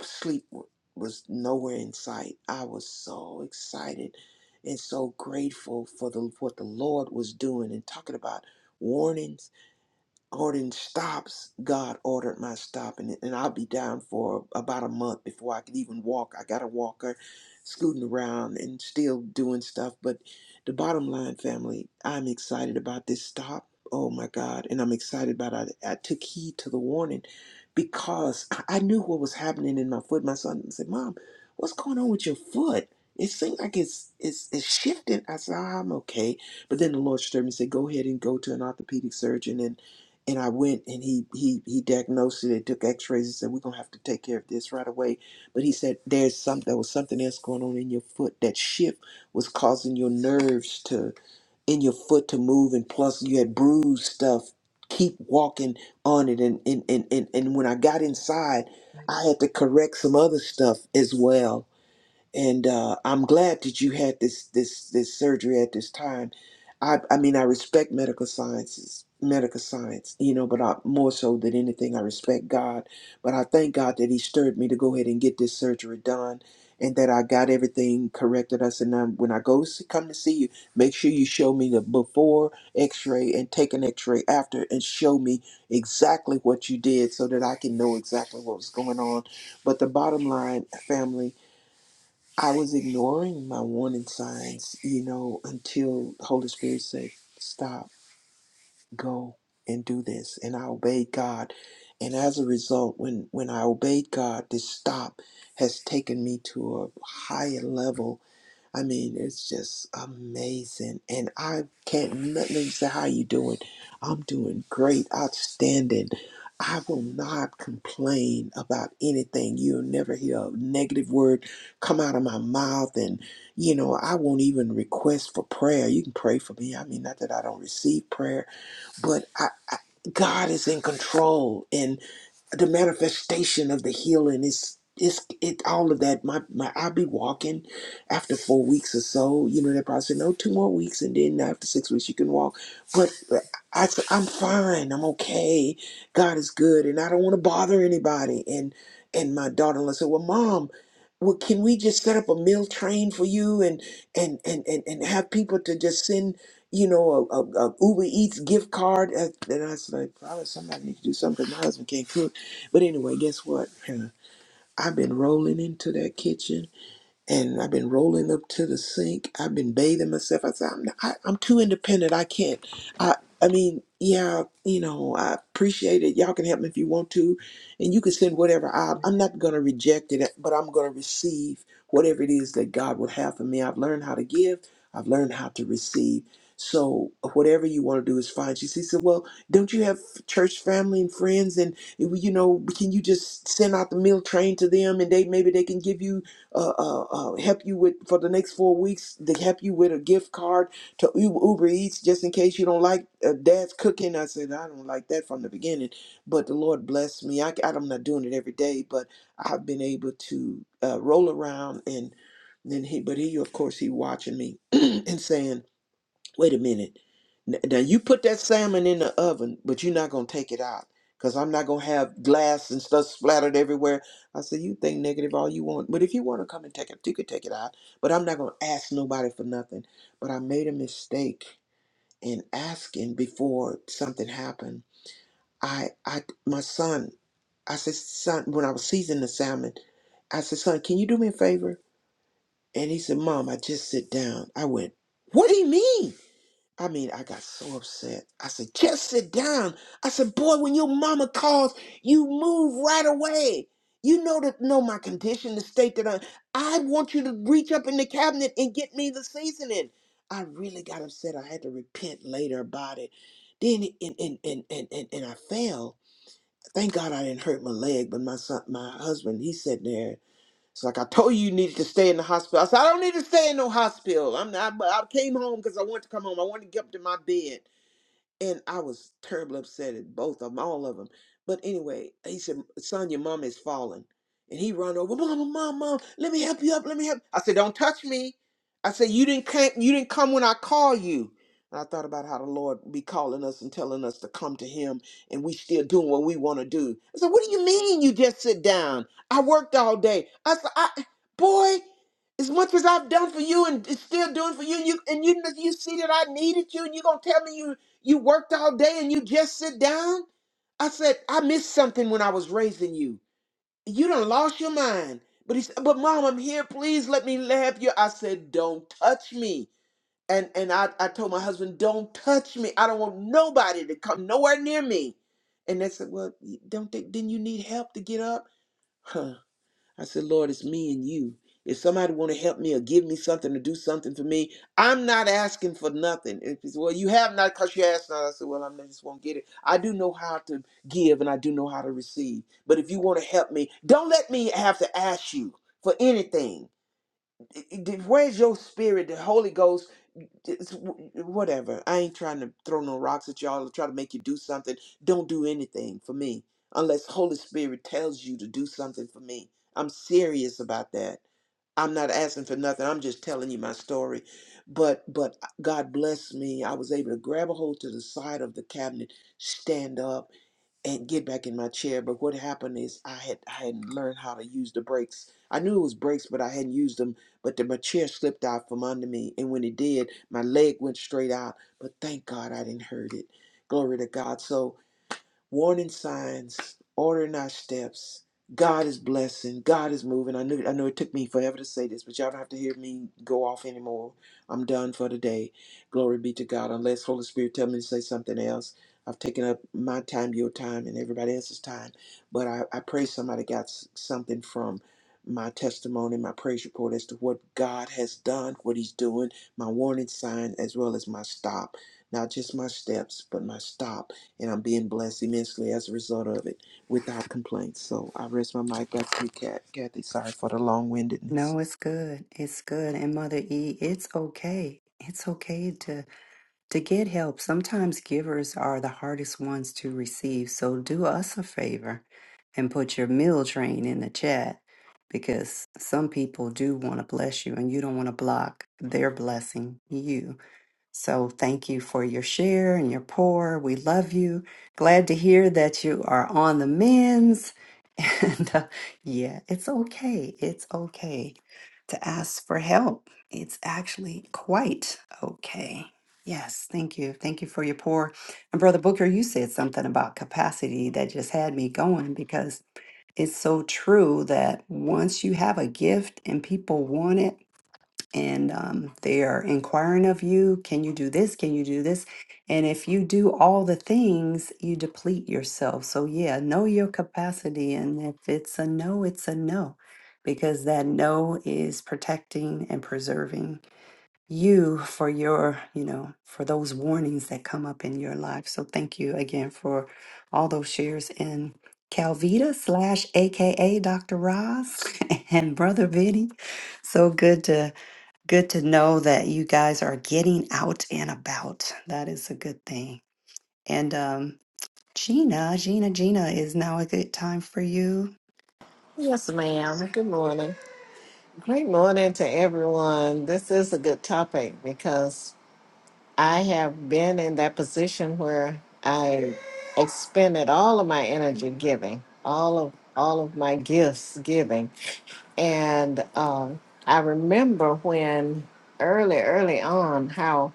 B: sleep w- was nowhere in sight. I was so excited and so grateful for the what the Lord was doing and talking about warnings ordering stops, God ordered my stop, and, and I'll be down for about a month before I can even walk. I got a walker, scooting around and still doing stuff. But the bottom line, family, I'm excited about this stop. Oh my God. And I'm excited about it. I took heed to the warning because I I knew what was happening in my foot. My son said, Mom, what's going on with your foot? It seems like it's it's it's shifting. I said, "Ah, I'm okay. But then the Lord stirred me and said, Go ahead and go to an orthopedic surgeon and I went and he he he diagnosed it and took X-rays and said we're gonna have to take care of this right away. But he said there's some there was something else going on in your foot. That shift was causing your nerves to in your foot to move, and plus you had bruised stuff. Keep walking on it, and and and and, and when I got inside, I had to correct some other stuff as well and uh, I'm glad that you had this this this surgery at this time. I I mean I respect medical sciences, medical science, you know, but I, more so than anything I respect God. But I thank God that He stirred me to go ahead and get this surgery done, and that I got everything corrected. I said, now when I go see, come to see you, make sure you show me the before X-ray and take an X-ray after, and show me exactly what you did so that I can know exactly what was going on. But the bottom line, family I was ignoring my warning signs, you know, until the Holy Spirit said, "Stop, go and do this." And I obeyed God, and as a result, when when I obeyed God, this stop has taken me to a higher level I mean, it's just amazing. And I can't let me say how you doing. I'm doing great, outstanding. I will not complain about anything. You'll never hear a negative word come out of my mouth. And, you know, I won't even request for prayer. You can pray for me. I mean, not that I don't receive prayer, but I, I, God is in control. and the manifestation of the healing is it's it all of that. My my I'll be walking after four weeks or so. You know, they probably say no two more weeks and then after six weeks you can walk. But uh, I said I'm fine. I'm okay. God is good and I don't want to bother anybody. And and my daughter in law said, Well mom, well can we just set up a meal train for you and and and and, and have people to just send you know, a, a, a Uber Eats gift card, and and I was like, probably somebody need to do something. My husband can't cook. But anyway, guess what? I've been rolling into that kitchen and I've been rolling up to the sink. I've been bathing myself. I said, I'm, not, I, I'm too independent. I can't. I, I mean, yeah, you know, I appreciate it. Y'all can help me if you want to, and you can send whatever. I, I'm not gonna reject it, but I'm gonna receive whatever it is that God would have for me. I've learned how to give. I've learned how to receive. So whatever you want to do is fine. She said, "Well, don't you have church family and friends, and you know, can you just send out the meal train to them, and they maybe they can give you." uh, uh, uh, help you with for the next four weeks. They help you with a gift card to U- Uber Eats just in case you don't like uh, Dad's cooking. I said I don't like that from the beginning, but the Lord bless me. I, I'm not doing it every day, but I've been able to uh, roll around and then he, but he of course he watching me and saying wait a minute. N- Now you put that salmon in the oven, but you're not gonna take it out because I'm not gonna have glass and stuff splattered everywhere. I said, you think negative all you want, but if you want to come and take it, you could take it out. But I'm not gonna ask nobody for nothing. But I made a mistake in asking before something happened. I, I, my son, I said, son, when I was seasoning the salmon, I said, son, can you do me a favor? And he said, mom, I just sit down. I went, what do you mean? I mean, I got so upset. I said, just sit down. I said, boy, when your mama calls, you move right away. You know that know my condition, the state that I I want you to reach up in the cabinet and get me the seasoning. I really got upset. I had to repent later about it. Then and and and and and, and I fell. Thank God I didn't hurt my leg, but my son my husband, he sat there it's like I told you, you needed to stay in the hospital. I said I don't need to stay in no hospital. I'm not. But I came home because I wanted to come home. I wanted to get up to my bed and I was terribly upset at both of them, all of them. But anyway, he said, "Son, your mom is falling," and he run over, "Mama, mom, mom, let me help you up, let me help." I said, "Don't touch me." I said, "You didn't come, you didn't come when I call you." And I thought about how the Lord be calling us and telling us to come to Him, and we still doing what we want to do. I said, "What do you mean you just sit down? I worked all day." I said, "I, boy." As much as I've done for you and is still doing for you, you and you you see that I needed you, and you gonna tell me you you worked all day and you just sit down? I said, I missed something when I was raising you. You done lost your mind. But he said, But mom, I'm here. Please let me have you. I said, Don't touch me. And and I, I told my husband, Don't touch me. I don't want nobody to come nowhere near me. And they said, Well, you don't they? didn't you need help to get up? I said, Lord, it's me and you. If somebody want to help me or give me something or do something for me, I'm not asking for nothing. If it's, well, you have not because you asked not. I said, well, I just won't get it. I do know how to give and I do know how to receive. But if you want to help me, don't let me have to ask you for anything. It- it- Where's your spirit, the Holy Ghost? it's w- whatever. I ain't trying to throw no rocks at y'all or try to make you do something. Don't do anything for me unless Holy Spirit tells you to do something for me. I'm serious about that. I'm not asking for nothing. I'm just telling you my story. But but uh, God bless me. I was able to grab a hold to the side of the cabinet, stand up, and get back in my chair. But what happened is I had I hadn't learned how to use the brakes. I knew it was brakes, but I hadn't used them. But the, my chair slipped out from under me, and when it did, my leg went straight out. But thank God I didn't hurt it. Glory to God. So warning signs, ordering our steps. God is blessing. God is moving. I knew I know it took me forever to say this, but y'all don't have to hear me go off anymore. I'm done for today. Glory be to God. Unless Holy Spirit tell me to say something else. I've taken up my time, your time, and everybody else's time. But I, I pray somebody got s- something from my testimony, my praise report as to what God has done, what He's doing, my warning sign, as well as my stop. Not just my steps, but my stop and I'm being blessed immensely as a result of it without complaints. So I rest my mic back to you, Kat. Kathy. Sorry for the long windedness.
A: No, it's good. It's good. And Mother E, it's okay. It's okay to To get help, sometimes givers are the hardest ones to receive, so do us a favor and put your meal train in the chat because some people do want to bless you and you don't want to block their blessing you. So thank you for your share and your pour. We love you. Glad to hear that you are on the men's. And uh, yeah, it's okay. It's okay to ask for help. It's actually quite okay. Yes, thank you. Thank you for your pour. And Brother Booker, you said something about capacity that just had me going because it's so true that once you have a gift and people want it, and um, they are inquiring of you can you do this can you do this and if you do all the things you deplete yourself so yeah know your capacity and if it's a no it's a no because that no is protecting and preserving you for your you know for those warnings that come up in your life so thank you again for all those shares in calvita slash aka dr ross and brother vinny so good to Good to know that you guys are getting out and about. That is a good thing. And um, Gina, Gina, Gina, is now a good time for you?
E: Yes, ma'am. Good morning. Great morning to everyone. This is a good topic because I have been in that position where I expended all of my energy giving, all of all of my gifts giving, and um, I remember when early, early on how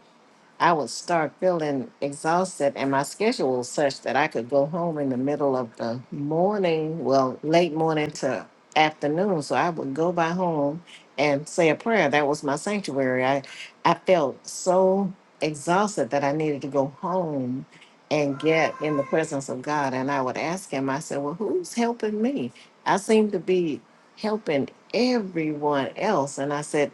E: I would start feeling exhausted, and my schedule was such that I could go home in the middle of the morning, well, late morning to afternoon. So I would go by home and say a prayer. That was my sanctuary. I, I felt so exhausted that I needed to go home and get in the presence of God. And I would ask Him, I said, Well, who's helping me? I seem to be helping everyone else. And I said,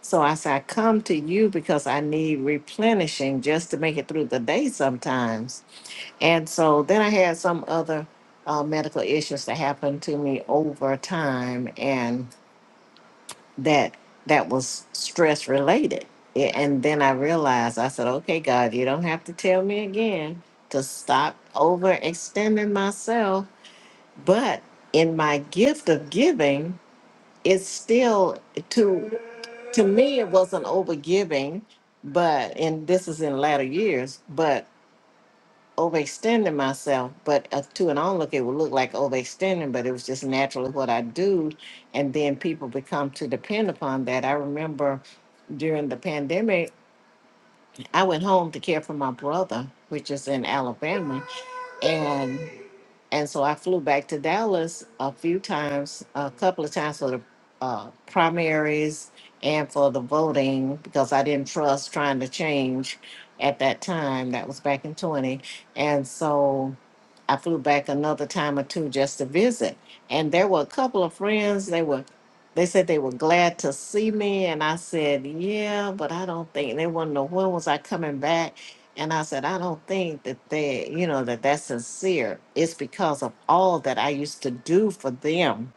E: so I said, I come to you because I need replenishing just to make it through the day sometimes. And so then I had some other uh, medical issues that happened to me over time, and that that was stress related. Yeah, And then I realized, I said, okay, God, you don't have to tell me again to stop overextending myself. But in my gift of giving, it's still to to me it wasn't overgiving but and this is in latter years but overextending myself but uh, to an onlooker it would look like overextending but it was just naturally what i do and then people become to depend upon that i remember during the pandemic i went home to care for my brother which is in alabama and so I flew back to Dallas a few times, a couple of times for the uh, primaries and for the voting because I didn't trust trying to change at that time. That was back in 20. And so I flew back another time or two just to visit. And there were a couple of friends, they were they said they were glad to see me and I said, "Yeah, but I don't think they want to know when was I coming back." And I said, I don't think that they, you know, that that's sincere. It's because of all that I used to do for them.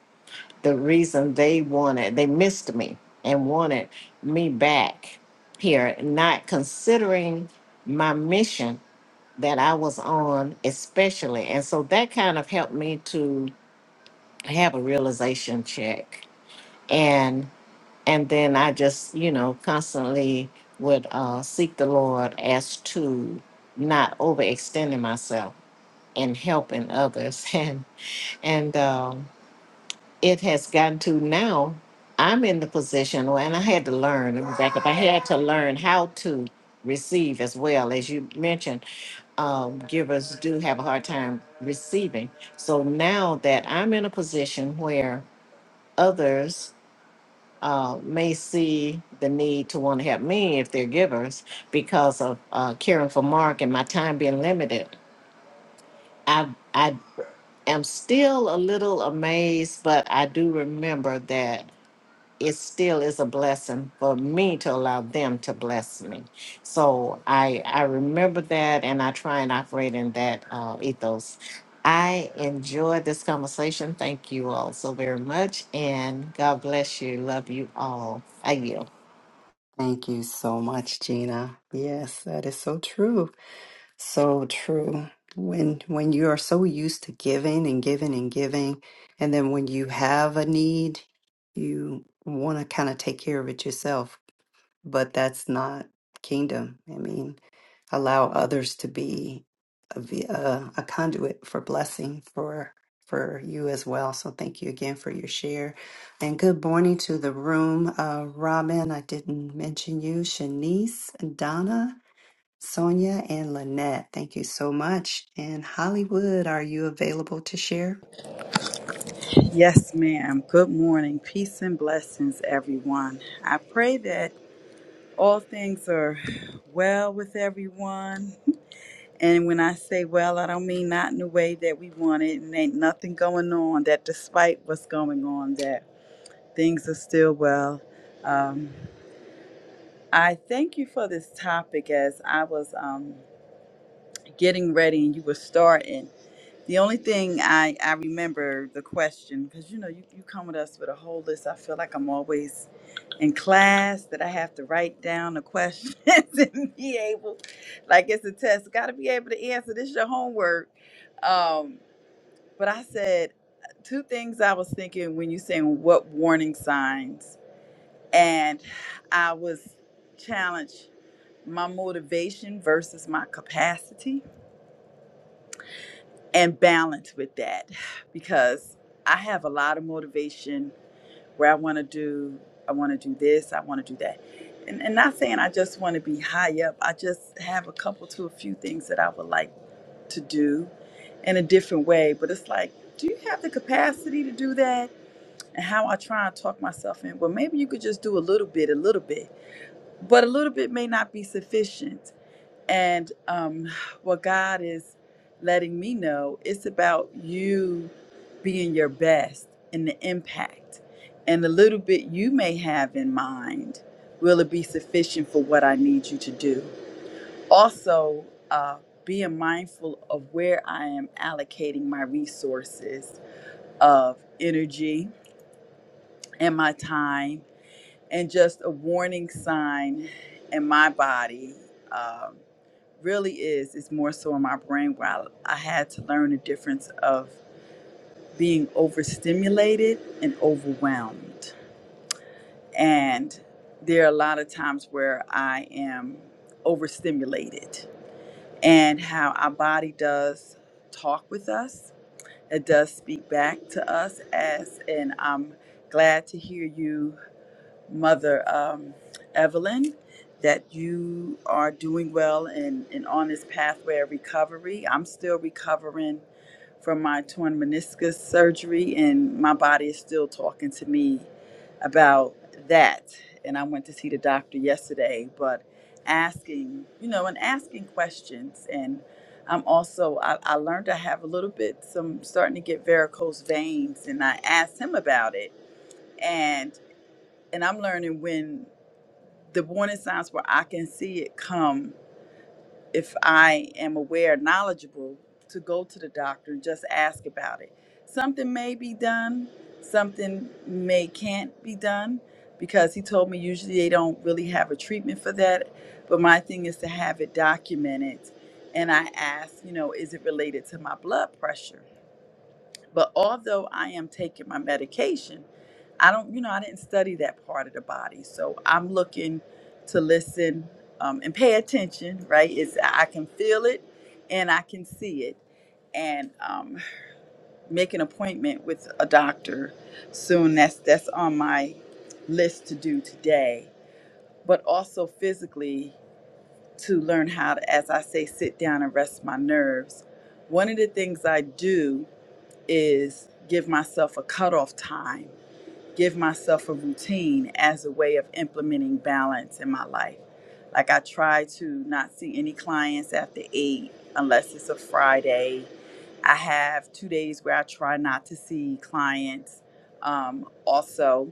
E: The reason they wanted, they missed me and wanted me back here, not considering my mission that I was on, especially. And so that kind of helped me to have a realization check and then I just, you know, constantly would uh, seek the Lord as to not overextending myself and helping others. And and um, it has gotten to now. I'm in the position, where- and I had to learn. Let me back up. I had to learn how to receive as well as you mentioned. Um, givers do have a hard time receiving. So now that I'm in a position where others uh, may see the need to want to help me if they're givers because of uh, caring for Mark and my time being limited. I I am still a little amazed, but I do remember that it still is a blessing for me to allow them to bless me. So I I remember that, and I try and operate in that uh, ethos. I enjoyed this conversation. Thank you all so very much, and God bless you. Love you all. I yield.
A: Thank you so much, Gina. Yes, that is so true. So true. When when you are so used to giving and giving and giving, and then when you have a need, you want to kind of take care of it yourself. But that's not kingdom. I mean, allow others to be a, v- a, a conduit for blessing for for you as well. So thank you again for your share, and good morning to the room. Uh, Robin, I didn't mention you. Shanice, Donna. Sonia and Lynette, thank you so much. And Hollywood, are you available to share?
F: Yes, ma'am. Good morning. Peace and blessings, everyone. I pray that all things are well with everyone. And when I say well, I don't mean not in the way that we want it and ain't nothing going on, that despite what's going on, that things are still well. Um, I thank you for this topic as I was um, getting ready and you were starting. The only thing I, I remember the question, because you know, you, you come with us with a whole list. I feel like I'm always in class that I have to write down the questions and be able, like it's a test, got to be able to answer. This is your homework. Um, but I said two things I was thinking when you saying what warning signs, and I was challenged my motivation versus my capacity and balance with that because I have a lot of motivation where I want to do I want to do this, I want to do that. And and not saying I just want to be high up. I just have a couple to a few things that I would like to do in a different way, but it's like do you have the capacity to do that? And how I try and talk myself in, well, maybe you could just do a little bit, a little bit, but a little bit may not be sufficient and um, what God is letting me know, it's about you being your best and the impact. And the little bit you may have in mind, will it be sufficient for what I need you to do? Also, uh, being mindful of where I am allocating my resources of energy and my time and just a warning sign in my body um, really is it's more so in my brain where I, I had to learn the difference of being overstimulated and overwhelmed and there are a lot of times where i am overstimulated and how our body does talk with us it does speak back to us as and i'm glad to hear you Mother um, Evelyn, that you are doing well and, and on this pathway of recovery. I'm still recovering from my torn meniscus surgery, and my body is still talking to me about that. And I went to see the doctor yesterday, but asking, you know, and asking questions. And I'm also, I, I learned I have a little bit, some starting to get varicose veins, and I asked him about it. and and I'm learning when the warning signs where I can see it come if I am aware, knowledgeable to go to the doctor and just ask about it. Something may be done, something may can't be done because he told me usually they don't really have a treatment for that, but my thing is to have it documented and I ask, you know, is it related to my blood pressure? But although I am taking my medication, I don't, you know, I didn't study that part of the body. So I'm looking to listen um, and pay attention, right? It's, I can feel it and I can see it. And um, make an appointment with a doctor soon. That's that's on my list to do today. But also physically to learn how to, as I say, sit down and rest my nerves. One of the things I do is give myself a cutoff time, give myself a routine as a way of implementing balance in my life. Like I try to not see any clients after eight unless it's a Friday. I have two days where I try not to see clients. Um, also,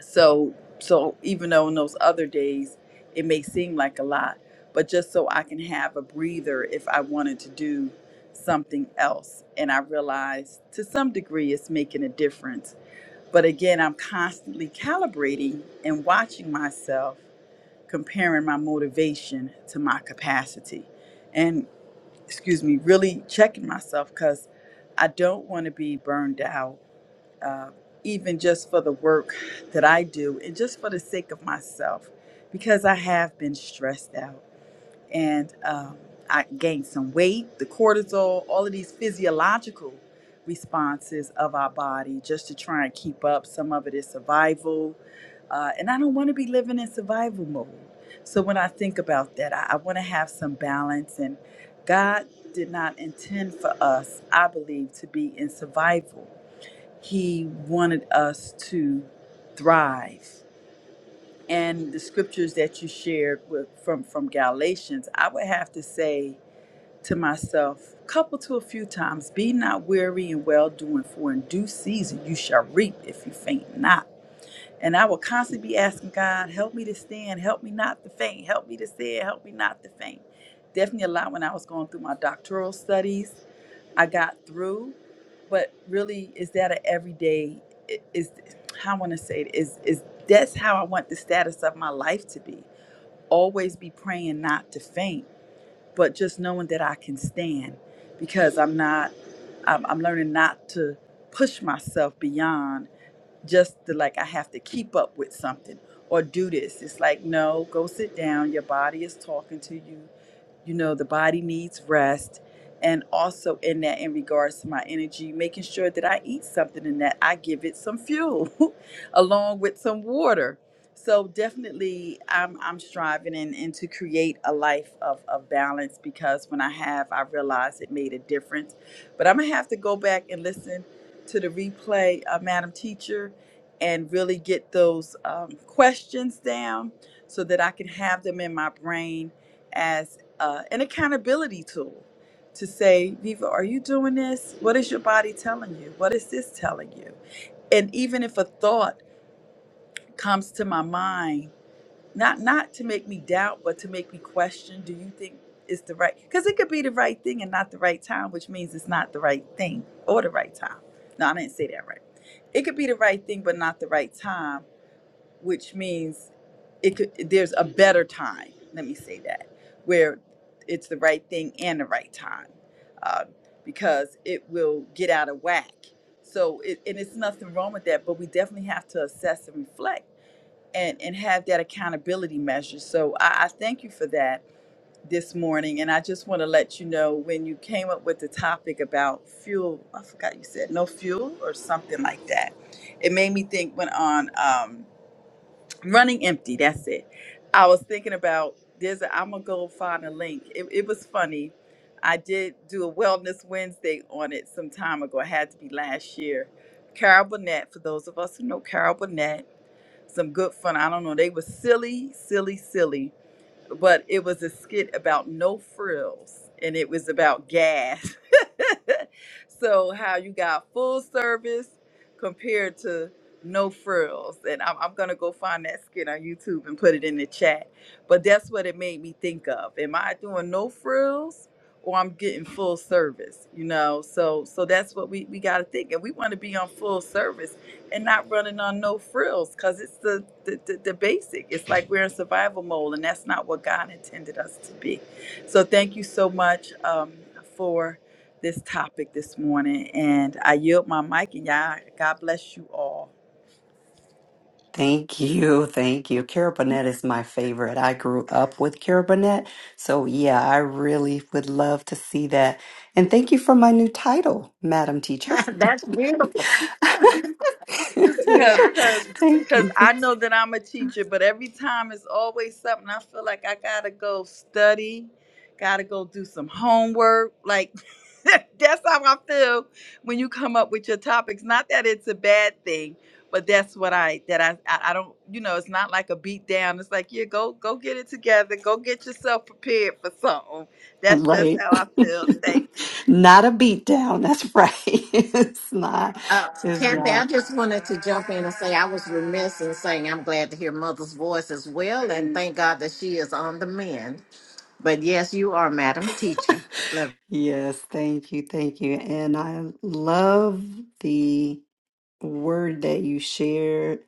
F: so so even though on those other days it may seem like a lot, but just so I can have a breather if I wanted to do something else. And I realize to some degree it's making a difference. But again, I'm constantly calibrating and watching myself, comparing my motivation to my capacity. And excuse me, really checking myself because I don't want to be burned out uh, even just for the work that I do and just for the sake of myself, because I have been stressed out and um, I gained some weight, the cortisol, all of these physiological responses of our body just to try and keep up. Some of it is survival. Uh, and I don't want to be living in survival mode. So when I think about that, I, I want to have some balance. And God did not intend for us, I believe, to be in survival he wanted us to thrive. And the scriptures that you shared with, from, from Galatians, I would have to say to myself, couple to a few times, be not weary in well doing, for in due season you shall reap if you faint not. And I will constantly be asking God, help me to stand, help me not to faint, help me to stand, help me not to faint. Definitely a lot when I was going through my doctoral studies I got through. But really, is that an everyday? i- Is how I want to say it is is that's how I want the status of my life to be. Always be praying not to faint, but just knowing that I can stand because I'm not. I'm, I'm learning not to push myself beyond just the like I have to keep up with something or do this. It's like no, go sit down. Your body is talking to you you know the body needs rest and also in that in regards to my energy making sure that i eat something and that i give it some fuel along with some water so definitely i'm i'm striving and, and to create a life of, of balance because when i have i realized it made a difference but i'm gonna have to go back and listen to the replay uh, madam teacher and really get those um, questions down so that i can have them in my brain as uh, an accountability tool to say, Viva, are you doing this? What is your body telling you? What is this telling you? And even if a thought comes to my mind, not not to make me doubt, but to make me question, do you think it's the right? Because it could be the right thing and not the right time, which means it's not the right thing or the right time. No, I didn't say that right. It could be the right thing, but not the right time which means it could there's a better time let me say that where it's the right thing and the right time uh, because it will get out of whack so it, and it's nothing wrong with that but we definitely have to assess and reflect and and have that accountability measure so i, I thank you for that this morning and i just want to let you know when you came up with the topic about fuel i forgot you said no fuel or something like that it made me think went on Um, running empty that's it i was thinking about there's a, i'm gonna go find a link it, it was funny i did do a wellness wednesday on it some time ago it had to be last year carol burnett for those of us who know carol burnett some good fun i don't know they were silly silly silly but it was a skit about no frills and it was about gas. so how you got full service compared to no frills. And I'm, I'm gonna go find that skit on YouTube and put it in the chat. But that's what it made me think of. Am I doing no frills or I'm getting full service? You know, so so that's what we, we gotta think. And we wanna be on full service and not running on no frills because it's the, the, the, the basic. It's like we're in survival mode, and that's not what God intended us to be. So, thank you so much um, for this topic this morning. And I yield my mic, and y'all, God bless you all.
A: Thank you, thank you. Cara Bonnet is my favorite. I grew up with Cara Bonnet, so yeah, I really would love to see that. And thank you for my new title, Madam Teacher.
F: Cause, cause,
A: thank
F: cause
A: you.
F: I know that I'm a teacher, but every time it's always something I feel like I gotta go study, gotta go do some homework. Like that's how I feel when you come up with your topics. Not that it's a bad thing, but that's what I that I I, I don't you know. It's not like a beat down. It's like yeah, go go get it together. Go get yourself prepared for something. That's just
A: Right.
F: how I feel. Thank you.
A: Not a beat down. That's right. It's not.
E: Uh,
A: It's
E: Kathy, I
A: not.
E: just wanted to jump in and say I was remiss in saying I'm glad to hear Mother's voice as well, and thank God that she is on the mend. But yes, you are, Madam Teacher. Love.
A: Yes. Thank you. Thank you. And I love the word that you shared,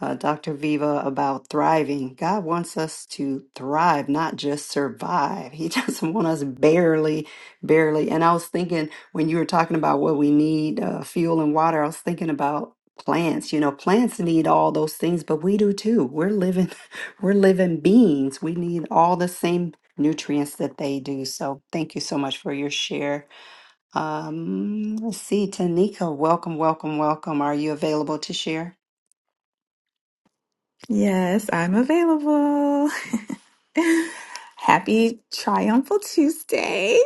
A: uh, Dr. Viva, about thriving. God wants us to thrive, not just survive. He doesn't want us barely, barely. And I was thinking when you were talking about what we need uh, fuel and water, I was thinking about plants you know plants need all those things but we do too we're living we're living beings we need all the same nutrients that they do so thank you so much for your share um, let's see, Tanika, welcome, welcome, welcome. Are you available to share?
G: Yes, I'm available. happy Triumphal Tuesday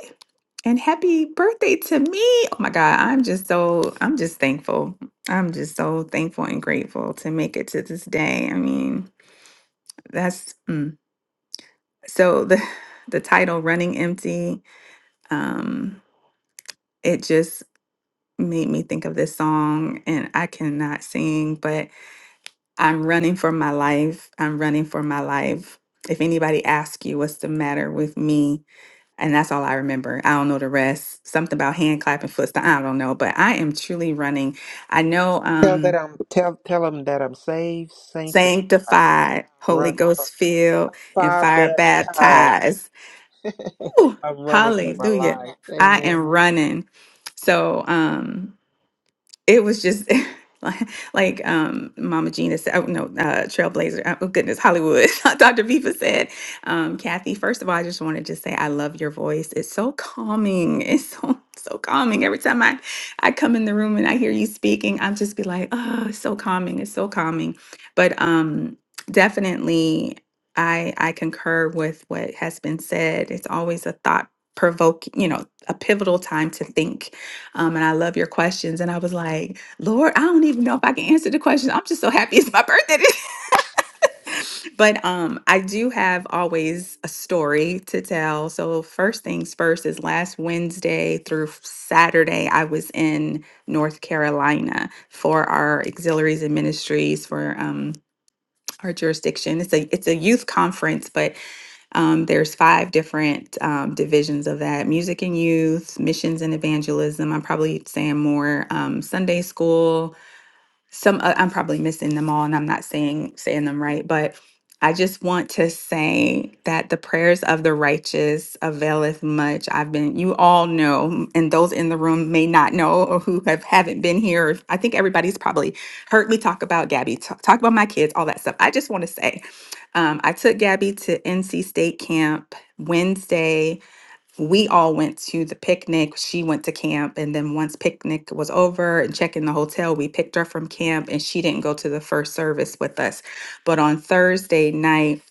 G: and happy birthday to me. Oh my God, I'm just so, I'm just thankful. I'm just so thankful and grateful to make it to this day. I mean, that's mm. so the the title Running Empty, um, it just made me think of this song and I cannot sing, but I'm running for my life. I'm running for my life. If anybody asks you what's the matter with me, and that's all I remember. I don't know the rest. Something about hand clapping foot. stomp- I don't know, but I am truly running. I know
B: Tell that
G: um
B: I'm tell tell them that I'm saved, sanctified, I'm
G: sanctified, Holy
B: run from
G: Ghost filled, and
B: fire
G: fire
B: baptized.
G: baptized. Whew,
B: I'm running for my
G: hallelujah.
B: life.
G: I am
B: Amen.
G: running. So um it was just like, like um mama gina said oh no uh trailblazer uh, oh goodness hollywood dr viva said um kathy first of all i just wanted to say i love your voice it's so calming it's so so calming every time i i come in the room and i hear you speaking i'll just be like oh it's so calming it's so calming but um definitely i i concur with what has been said it's always a thought provoking you know a pivotal time to think um, and I love your questions. And I was like, Lord, I don't even know if I can answer the questions. I'm just so happy it's my birthday. but um, I do have always a story to tell. So, first things first is last Wednesday through Saturday, I was in North Carolina for our auxiliaries and ministries for um, our jurisdiction. It's a it's a youth conference, but um, there's five different um, divisions of that music and youth, missions and evangelism. I'm probably saying more um, Sunday school, some uh, I'm probably missing them all and I'm not saying saying them right, but I just want to say that the prayers of the righteous availeth much. I've been you all know and those in the room may not know or who have haven't been here. or I think everybody's probably heard me talk about Gabby, talk, talk about my kids, all that stuff. I just want to say um, I took Gabby to NC State Camp Wednesday we all went to the picnic. She went to camp. And then once picnic was over and check in the hotel, we picked her from camp and she didn't go to the first service with us. But on Thursday night,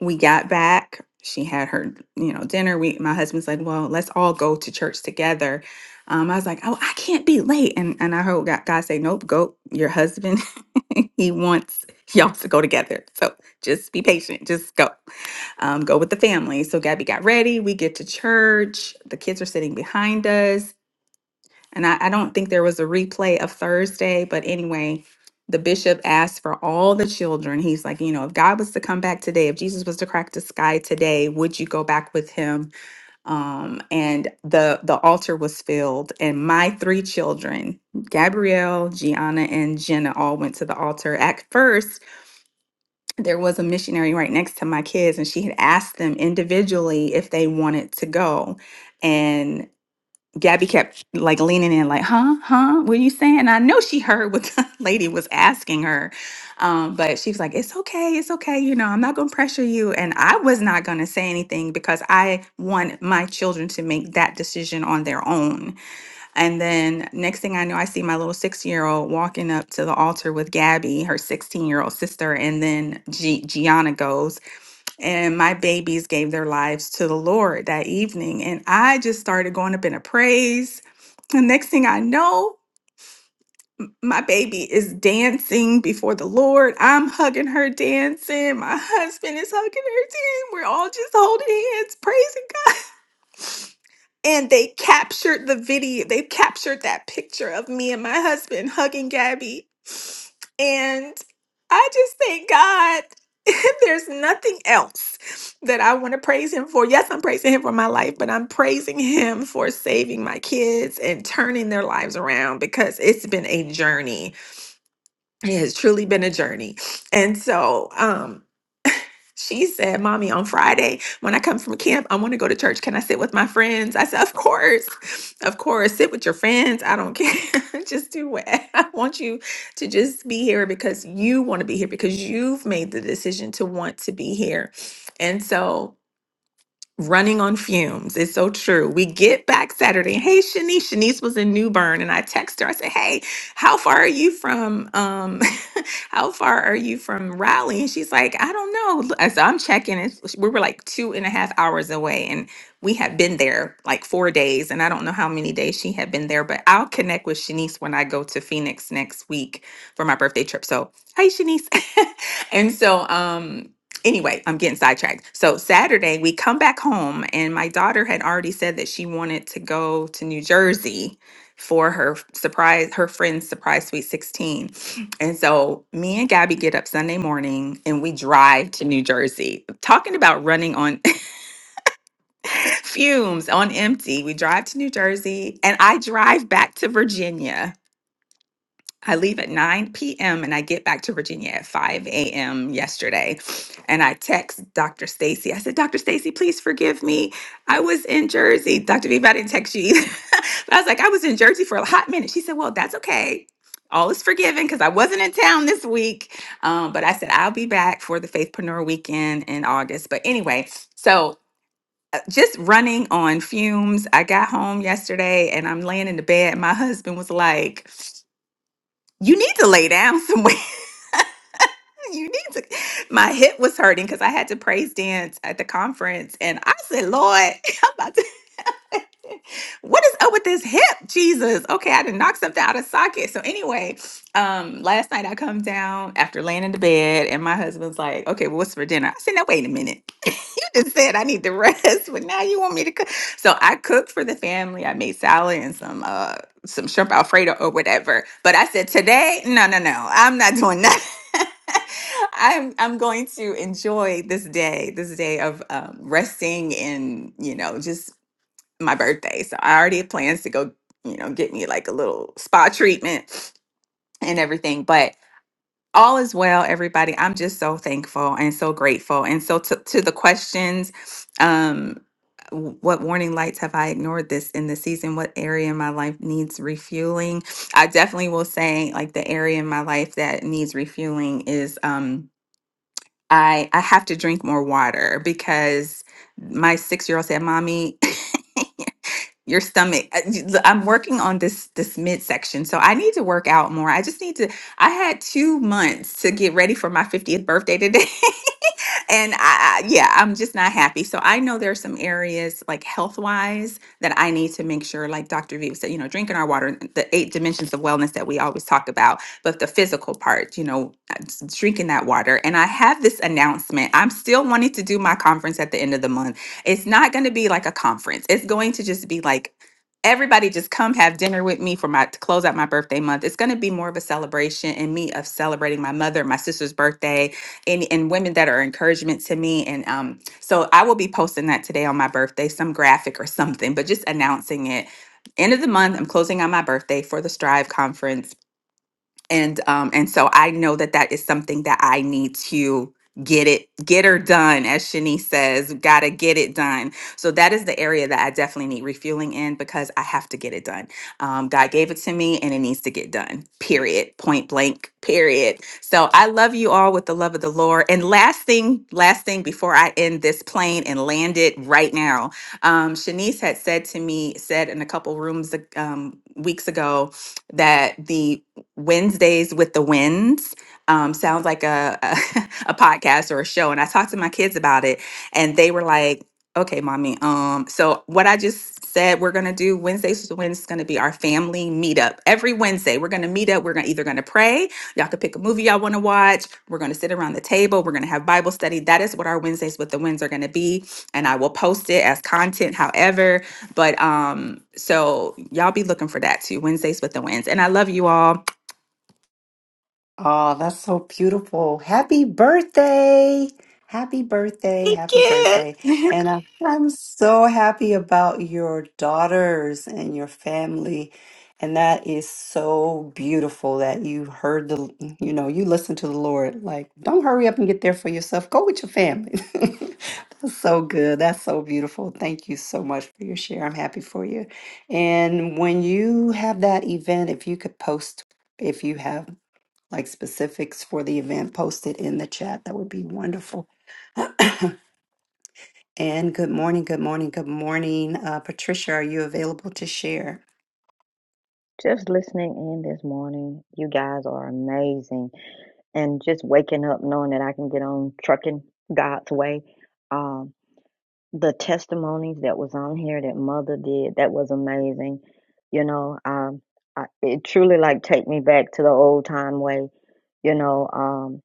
G: we got back. She had her, you know, dinner. We my husband's like, well, let's all go to church together. Um, I was like, oh, I can't be late. And and I heard God God say, nope, go. Your husband he wants y'all to go together. So just be patient. Just go. Um, go with the family. So Gabby got ready. We get to church. The kids are sitting behind us. And I, I don't think there was a replay of Thursday, but anyway, the bishop asked for all the children. He's like, you know, if God was to come back today, if Jesus was to crack the sky today, would you go back with him? um, and the the altar was filled and my three children gabrielle gianna and jenna all went to the altar at first there was a missionary right next to my kids and she had asked them individually if they wanted to go Gabby kept like leaning in, like, huh, huh, what are you saying? I know she heard what the lady was asking her, um, but she was like, it's okay, it's okay, you know, I'm not gonna pressure you. And I was not gonna say anything because I want my children to make that decision on their own. And then next thing I know, I see my little six year old walking up to the altar with Gabby, her 16 year old sister, and then G- Gianna goes and my babies gave their lives to the Lord that evening. And I just started going up in a praise. The next thing I know, m- my baby is dancing before the Lord. I'm hugging her, dancing. My husband is hugging her, dancing. We're all just holding hands, praising and they captured the video they captured that picture of me and my husband hugging gabby and i just thank god there's nothing else that i want to praise him for yes i'm praising him for my life but i'm praising him for saving my kids and turning their lives around because it's been a journey it has truly been a journey and so um she said, Mommy, on Friday, when I come from camp, I want to go to church. Can I sit with my friends? I said, Of course. Of course. Sit with your friends. I don't care. just do what I want you to just be here because you want to be here because you've made the decision to want to be here. And so running on fumes. It's so true. We get back Saturday. Hey, Shanice. Shanice was in New Bern, and I text her. I said, "Hey, how far are you from? Um, how far are you from Raleigh?" And she's like, "I don't know." I said, "I'm checking." It's, we were like two and a half hours away, and we had been there like four days, and I don't know how many days she had been there. But I'll connect with Shanice when I go to Phoenix next week for my birthday trip. So, hey, Shanice. and so, um, anyway, I'm getting sidetracked. So Saturday we come back home and my daughter had already said that she wanted to go to New Jersey for her f- surprise her friend's surprise sweet 16. And so me and Gabby get up Sunday morning and we drive to New Jersey. Talking about running on fumes on empty. We drive to New Jersey and I drive back to Virginia I leave at 9 p.m. and I get back to Virginia at 5 a.m. yesterday. And I text Dr. Stacy. I said, Dr. Stacy, please forgive me. I was in Jersey. Dr. Viva, I didn't text you either. but I was like, I was in Jersey for a hot minute. She said, Well, that's okay. All is forgiven because I wasn't in town this week. Um, but I said, I'll be back for the Faithpreneur weekend in August. But anyway, so uh, just running on fumes. I got home yesterday and I'm laying in the bed. My husband was like, you need to lay down somewhere. you need to. My hip was hurting because I had to praise dance at the conference, and I said, "Lord, I'm about to." what is up with this hip jesus okay i didn't knock something out of socket so anyway um last night i come down after laying in the bed and my husband's like okay well, what's for dinner i said now wait a minute you just said i need to rest but now you want me to cook so i cooked for the family i made salad and some uh some shrimp alfredo or whatever but i said today no no no i'm not doing that I'm I'm going to enjoy this day, this day of um, resting and you know just my birthday. So I already had plans to go, you know, get me like a little spa treatment and everything. But all is well, everybody. I'm just so thankful and so grateful. And so to, to the questions, um, w- what warning lights have I ignored this in the season? What area in my life needs refueling? I definitely will say like the area in my life that needs refueling is um I I have to drink more water because my six year old said, Mommy, your stomach I- j- i'm working on this this midsection so i need to work out more i just need to i had two months to get ready for my 50th birthday today and I, I yeah i'm just not happy so i know there are some areas like health wise that i need to make sure like dr v said you know drinking our water and the eight dimensions of wellness that we always talk about but the physical part you know uh, s- drinking that water and i have this announcement i'm still wanting to do my conference at the end of the month it's not going to be like a conference it's going to just be like Everybody just come have dinner with me for my to close out my birthday month. It's going to be more of a celebration and me of celebrating my mother, my sister's birthday, and, and women that are encouragement to me. And um, so I will be posting that today on my birthday, some graphic or something, but just announcing it. End of the month, I'm closing on my birthday for the Strive Conference and um and so i know that that is something that i need to get it get her done as shanice says gotta get it done so that is the area that i definitely need refueling in because i have to get it done um, god gave it to me and it needs to get done period point blank period so i love you all with the love of the lord and last thing last thing before i end this plane and land it right now um, shanice had said to me said in a couple rooms um, weeks ago that the Wednesdays with the Winds. Um, sounds like a, a a podcast or a show, and I talked to my kids about it, and they were like, "Okay, mommy." Um, so what I just said we're gonna do Wednesdays with the Winds is gonna be our family meetup every Wednesday. We're gonna meet up. We're gonna either gonna pray. Y'all can pick a movie y'all want to watch. We're gonna sit around the table. We're gonna have Bible study. That is what our Wednesdays with the Winds are gonna be, and I will post it as content. However, but um, so y'all be looking for that too. Wednesdays with the Winds, and I love you all.
A: Oh, that's so beautiful. Happy birthday. Happy birthday.
G: Thank
A: Happy birthday.
G: you.
A: And I, I'm so happy about your daughters and your family. And that is so beautiful that you heard the, you know, you listen to the Lord. Like, don't hurry up and get there for yourself. Go with your family. That's so good. That's so beautiful. Thank you so much for your share. I'm happy for you. And when you have that event, if you could post if you have like specifics for the event, posted in the chat. That would be wonderful. And good morning, good morning, good morning. Uh, Patricia, are you available to share?
H: Just listening in this morning, you guys are amazing. And just waking up knowing that I can get on trucking God's way. Um, the testimonies that was on here that mother did, that was amazing. You know, um, I, it truly like take me back to the old time way. You know, um,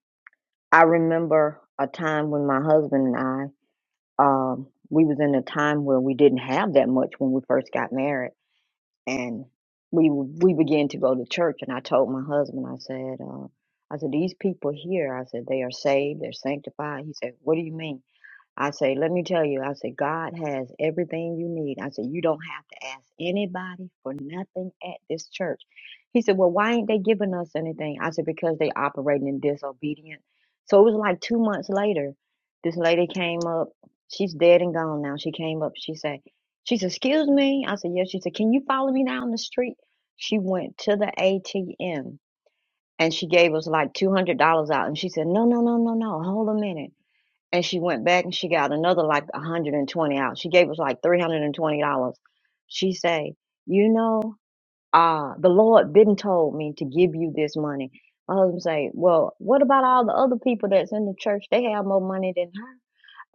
H: I remember a time when my husband and I, um, we was in a time where we didn't have that much when we first got married and we w- we began to go to church and i told my husband i said uh, i said these people here i said they are saved they're sanctified he said what do you mean I say, let me tell you, I say, God has everything you need. I say, you don't have to ask anybody for nothing at this church. He said, well, why ain't they giving us anything? I said, because they operating in disobedience. So it was like two months later, this lady came up. She's dead and gone now. She came up. She said, she said, excuse me. I said, yes. She said, can you follow me down the street? She went to the ATM and she gave us like $200 out. And she said, no, no, no, no, no. Hold a minute and she went back and she got another like 120 out. She gave us like $320. She say, you know, uh, the Lord didn't told me to give you this money. My husband say, well, what about all the other people that's in the church? They have more money than her.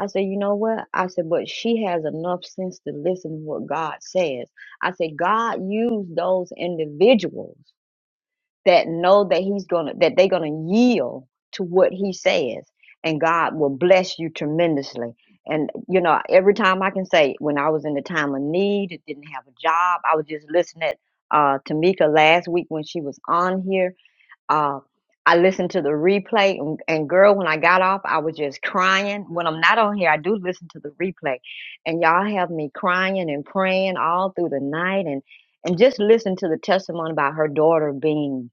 H: I said, you know what? I said, but she has enough sense to listen to what God says. I said, God used those individuals that know that he's gonna that they're gonna yield to what he says and god will bless you tremendously and you know every time i can say when i was in the time of need didn't have a job i was just listening at uh tamika last week when she was on here uh I listened to the replay and, and girl, when I got off, I was just crying. When I'm not on here, I do listen to the replay and y'all have me crying and praying all through the night and, and just listen to the testimony about her daughter being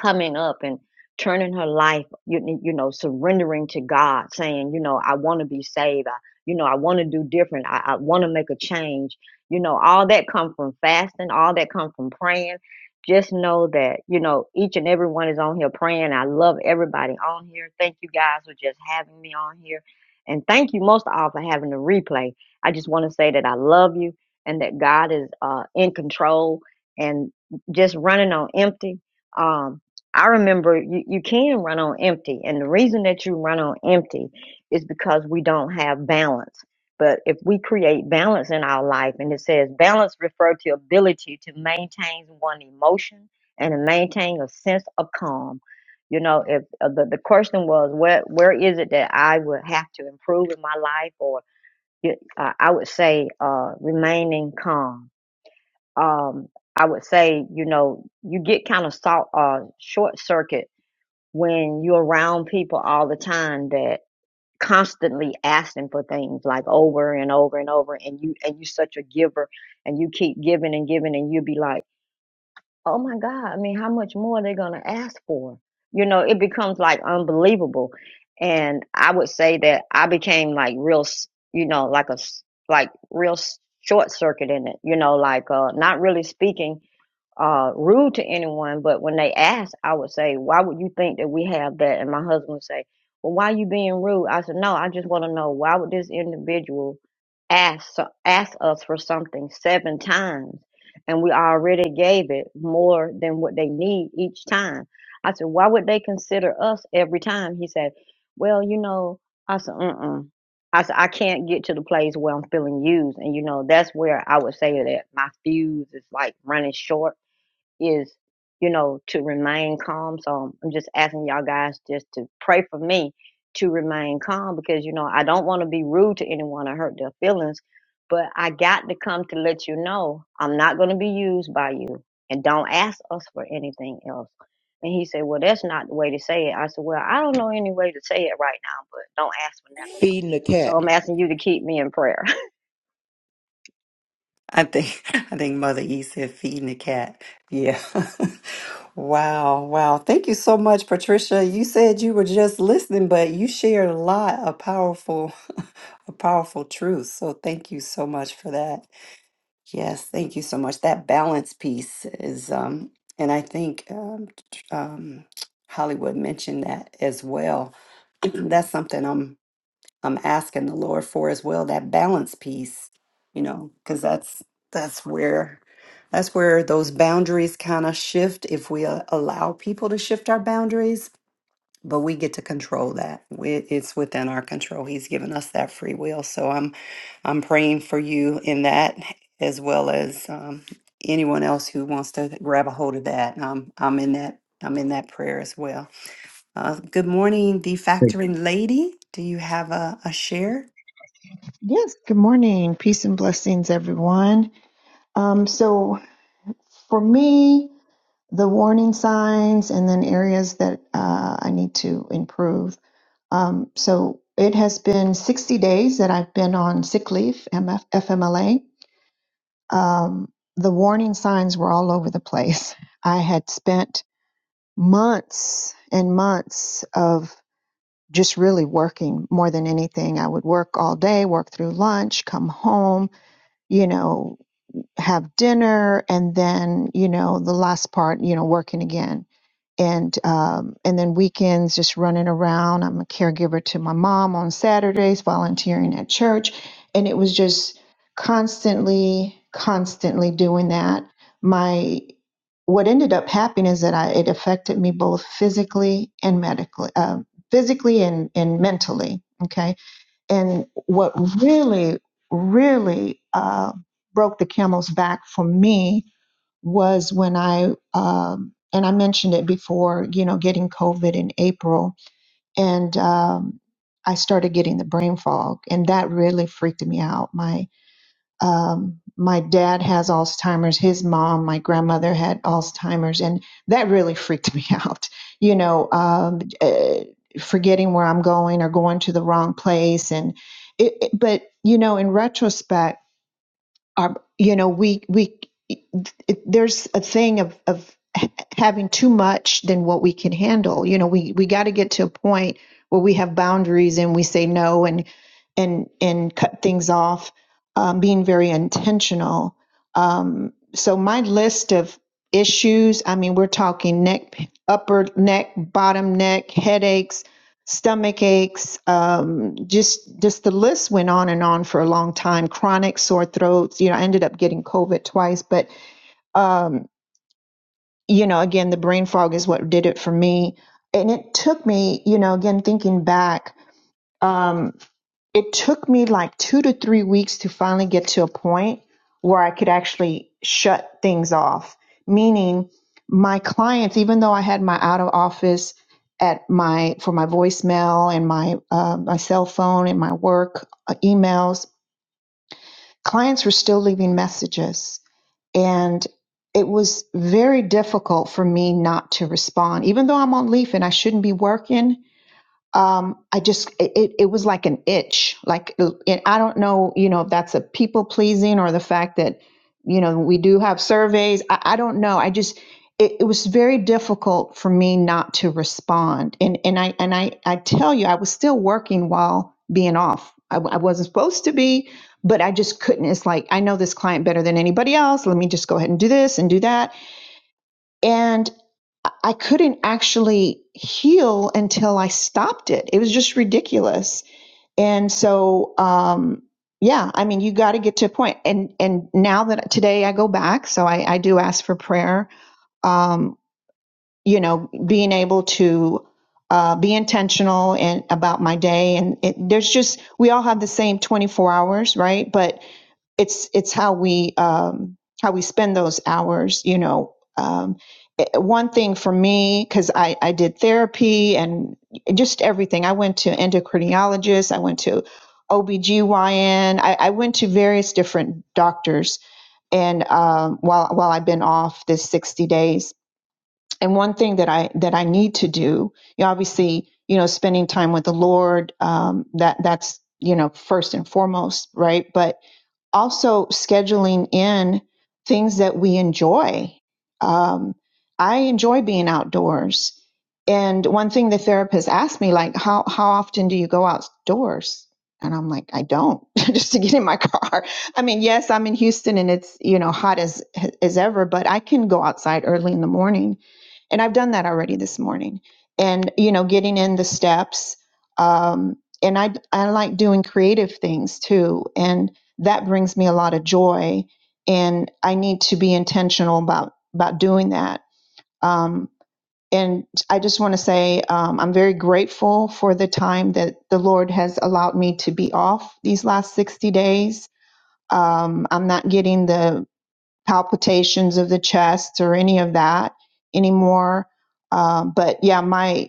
H: coming up and turning her life, you, you know, surrendering to God, saying, you know, I want to be saved. I, you know, I want to do different. I, I want to make a change. You know, all that come from fasting, all that come from praying. Just know that, you know, each and every one is on here praying. I love everybody on here. Thank you guys for just having me on here. And thank you most of all for having the replay. I just want to say that I love you and that God is uh, in control and just running on empty. Um, I remember you, you can run on empty. And the reason that you run on empty is because we don't have balance. But if we create balance in our life, and it says balance refer to ability to maintain one emotion and to maintain a sense of calm. You know, if uh, the, the question was, where, where is it that I would have to improve in my life? Or you- uh, I would say uh, remaining calm. Um, I would say, you know, you get kind of salt, uh, short circuit when you're around people all the time that constantly asking for things like over and over and over and you and you are such a giver and you keep giving and giving and you'll be like oh my god i mean how much more are they going to ask for you know it becomes like unbelievable and i would say that i became like real s- you know like a s- like real s- short circuit in it you know like uh not really speaking uh, rude to anyone, but when they ask, I would say, "Why would you think that we have that?" And my husband would say, "Well, why you being rude?" I said, "No, I just want to know why would this individual ask so- ask us for something seven times, and we already gave it more than what they need each time." I said, "Why would they consider us every time?" He said, "Well, you know," I said, "Mm." I said, I can't get to the place where I'm feeling used. And, you know, that's where I would say that my fuse is like running short is, you know, to remain calm. So I'm just asking y'all guys just to pray for me to remain calm because, you know, I don't want to be rude to anyone or hurt their feelings, but I got to come to let you know I'm not going to be used by you and don't ask us for anything else. And he said, Well, that's not the way to say it. I said, Well, I don't know any way to say it right now, but don't ask for nothing else.
B: Feeding the
H: So
B: cat,
H: I'm asking you to keep me in prayer.
A: I think I think Mother E said feeding the cat. Yeah. wow, wow. Thank you so much, Patricia. You said you were just listening, but you shared a lot of powerful, a powerful truth. So thank you so much for that. Yes, thank you so much. That balance piece is, um, and I think um, t- um, Hollywood mentioned that as well. That's something I'm I'm asking the Lord for as well. That balance piece, you know, because that's that's where that's where those boundaries kind of shift if we uh, allow people to shift our boundaries but we get to control that. We- It's within our control. He's given us that free will. So I'm, I'm praying for you in that, as well as um, anyone else who wants to grab a hold of that. Um, I'm in that. I'm in that prayer as well. Uh, good morning, the factoring lady. Do you have a, a share?
I: Yes, good morning. Peace and blessings, everyone. Um, so, for me, the warning signs and then areas that uh, I need to improve. Um, so, it has been 60 days that I've been on sick leave, MF, FMLA. Um, the warning signs were all over the place. I had spent months and months of just really working more than anything. I would work all day, work through lunch, come home, you know, have dinner and then you know the last part you know working again and um, and then weekends just running around i'm a caregiver to my mom on saturdays volunteering at church and it was just constantly constantly doing that my what ended up happening is that I, it affected me both physically and medically uh, physically and, and mentally okay and what really, really uh, broke the camel's back for me was when I, um, and I mentioned it before, you know, getting COVID in April, and um, I started getting the brain fog, and that really freaked me out. My um, my dad has Alzheimer's. His mom, my grandmother, had Alzheimer's, and that really freaked me out. You know, um, uh, forgetting where I'm going or going to the wrong place, and it, it- but you know, in retrospect our you know we we it, there's a thing of of having too much than what we can handle you know we we got to get to a point where we have boundaries and we say no and and and cut things off um, being very intentional um, so my list of issues i mean we're talking neck upper neck bottom neck headaches stomach aches, um, just just the list went on and on for a long time. Chronic sore throats. You know, I ended up getting COVID twice, but um, you know, again, the brain fog is what did it for me. And it took me, you know, again thinking back. Um, it took me like two to three weeks to finally get to a point where I could actually shut things off. Meaning, my clients, even though I had my out of office at my for my voicemail and my uh, my cell phone and my work uh, emails, clients were still leaving messages, and it was very difficult for me not to respond. Even though I'm on leave and I shouldn't be working, um i just it, it was like an itch like it, i don't know you know if that's a people pleasing or the fact that you know we do have surveys i, I don't know i just it, it was very difficult for me not to respond and and i and i i tell you i was still working while being off I w- I wasn't supposed to be but i just couldn't it's like i know this client better than anybody else let me just go ahead and do this and do that and I couldn't actually heal until I stopped it. It was just ridiculous. And so, um, yeah, I mean, you got to get to a point. And and now that today I go back, so I, I do ask for prayer. Um, you know, being able to uh, be intentional and about my day, and it, there's just we all have the same 24 hours, right? But it's it's how we um, how we spend those hours. You know, um, it- one thing for me because I I did therapy and just everything. I went to endocrinologist. I went to OBGYN. I, I went to various different doctors, and um, while while I've been off this sixty days, and one thing that I that I need to do, you know, obviously, you know, spending time with the Lord, um, that that's you know first and foremost, right? But also scheduling in things that we enjoy. Um, I enjoy being outdoors. And one thing the therapist asked me, like, how, how often do you go outdoors? And I'm like, I don't just to get in my car. I mean, yes, I'm in Houston and it's, you know, hot as, as ever, but I can go outside early in the morning. And I've done that already this morning. And, you know, getting in the steps. Um, and I, I like doing creative things too. And that brings me a lot of joy and i need to be intentional about about doing that um, and i just want to say um, i'm very grateful for the time that the lord has allowed me to be off these last 60 days um, i'm not getting the palpitations of the chest or any of that anymore um, but yeah my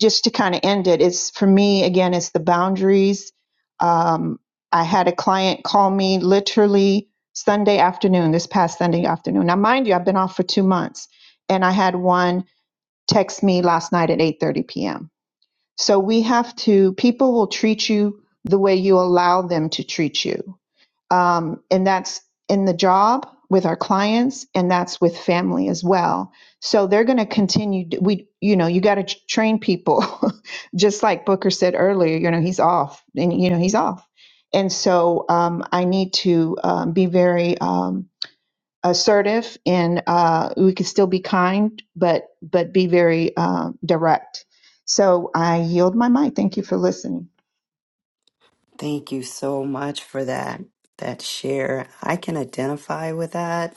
I: just to kind of end it, it's for me again, it's the boundaries. Um, I had a client call me literally Sunday afternoon, this past Sunday afternoon. Now, mind you, I've been off for two months, and I had one text me last night at 8:30 p.m. So we have to. People will treat you the way you allow them to treat you um, and that's in the job with our clients and that's with family as well so they're going to continue we you know you got to train people just like booker said earlier you know he's off and you know he's off and so um, i need to um, be very um, assertive and uh, we can still be kind but but be very um, direct so i yield my mic thank you for listening
A: Thank you so much for that. That share. I can identify with that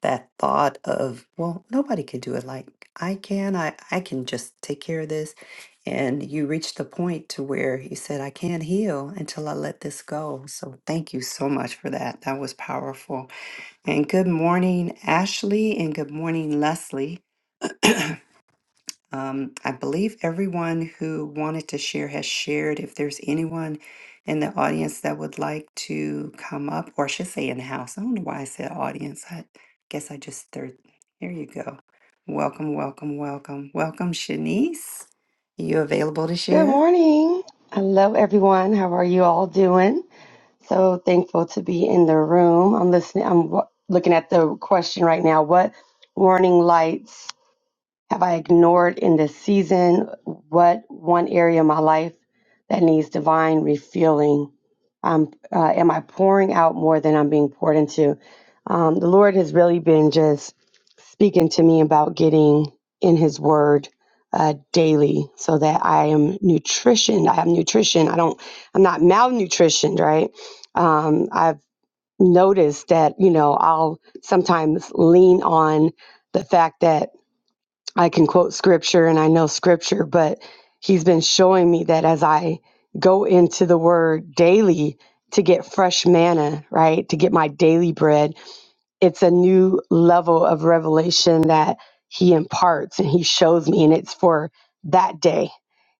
A: that thought of well nobody could do it like i can i i can just take care of this and you reached the point to where you said i can't heal until i let this go so thank you so much for that that was powerful and good morning ashley and good morning leslie um, I believe everyone who wanted to share has shared. If there's anyone in the audience that would like to come up, or I should say in the house, I don't know why I said audience. I guess I just third. Here you go. Welcome, welcome, welcome, welcome, Shanice. you available to
J: Good
A: share?
J: morning. I love everyone. How are you all doing? So thankful to be in the room. I'm listening. I'm w- looking at the question right now. What warning lights? have I ignored in this season? What one area of my life that needs divine refueling? Um, uh, am I pouring out more than I'm being poured into? Um, the Lord has really been just speaking to me about getting in His Word uh, daily, so that I am nutrition. I have nutrition. I don't. I'm not malnutritioned, right? Um, I've noticed that you know I'll sometimes lean on the fact that I can quote scripture and I know scripture, but he's been showing me that as I go into the word daily to get fresh manna, right? To get my daily bread, it's a new level of revelation that he imparts and he shows me, and it's for that day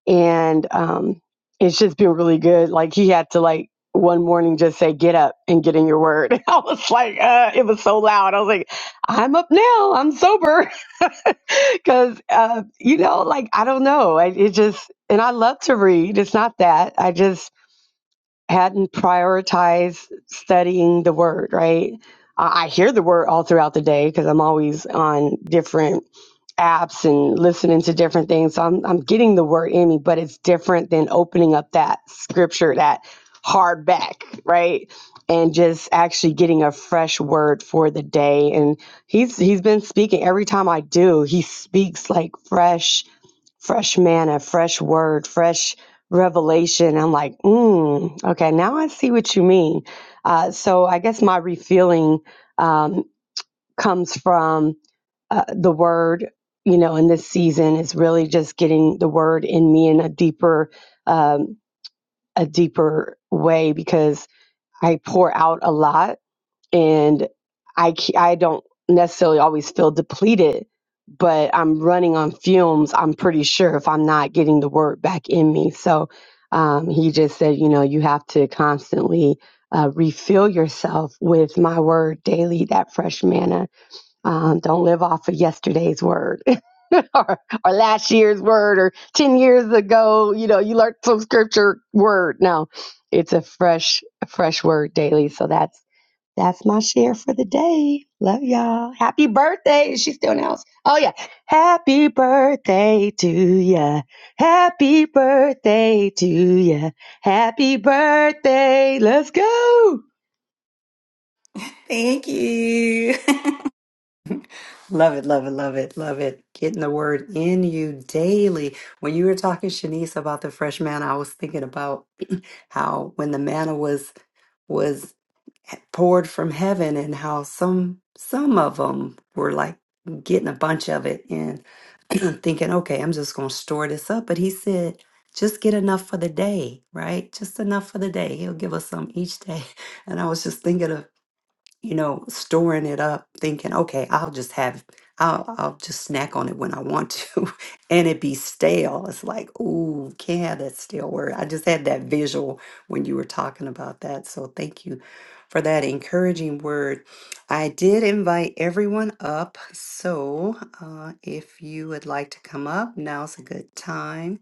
J: and um, it's just been really good. Like he had to like one morning just say, "Get up and get in your word." I was like, uh, it was so loud. I was like, "I'm up now. I'm sober," because uh, you know, like I don't know. I, it just and I love to read. It's not that I just hadn't prioritized studying the word. Right. I I hear the word all throughout the day because I'm always on different apps and listening to different things. So I'm I'm getting the word in me, but it's different than opening up that scripture, that hardback, right? And just actually getting a fresh word for the day. And he's he's been speaking every time I do, he speaks like fresh, fresh manna, fresh word, fresh revelation. I'm like, mm, okay, now I see what you mean. Uh, so I guess my refilling um, comes from uh, the word, you know, in this season is really just getting the word in me in a deeper, um, a deeper way because I pour out a lot and I c- I don't necessarily always feel depleted, but I'm running on fumes. I'm pretty sure if I'm not getting the word back in me. So um, he just said, you know, you have to constantly. Uh, refill yourself with my word daily, that fresh manna. Um, don't live off of yesterday's word or, or last year's word or 10 years ago you know you learned some scripture word no it's a fresh a fresh word daily so that's that's my share for the day love y'all happy birthday is she still in the house oh yeah happy birthday to ya happy birthday to ya happy birthday let's go
G: Thank you.
A: Love it, love it, love it, love it. Getting the word in you daily. When you were talking, Shanice, about the fresh manna, I was thinking about how when the manna was was poured from heaven and how some some of them were like getting a bunch of it and thinking okay i'm just going to store this up but he said just get enough for the day right just enough for the day he'll give us some each day and i was just thinking of you know, storing it up, thinking, okay, I'll just have, I'll, I'll just snack on it when I want to, and it be stale. It's like, ooh, can't have that stale word. I just had that visual when you were talking about that. So thank you for that encouraging word. I did invite everyone up. So uh, if you would like to come up, now's a good time.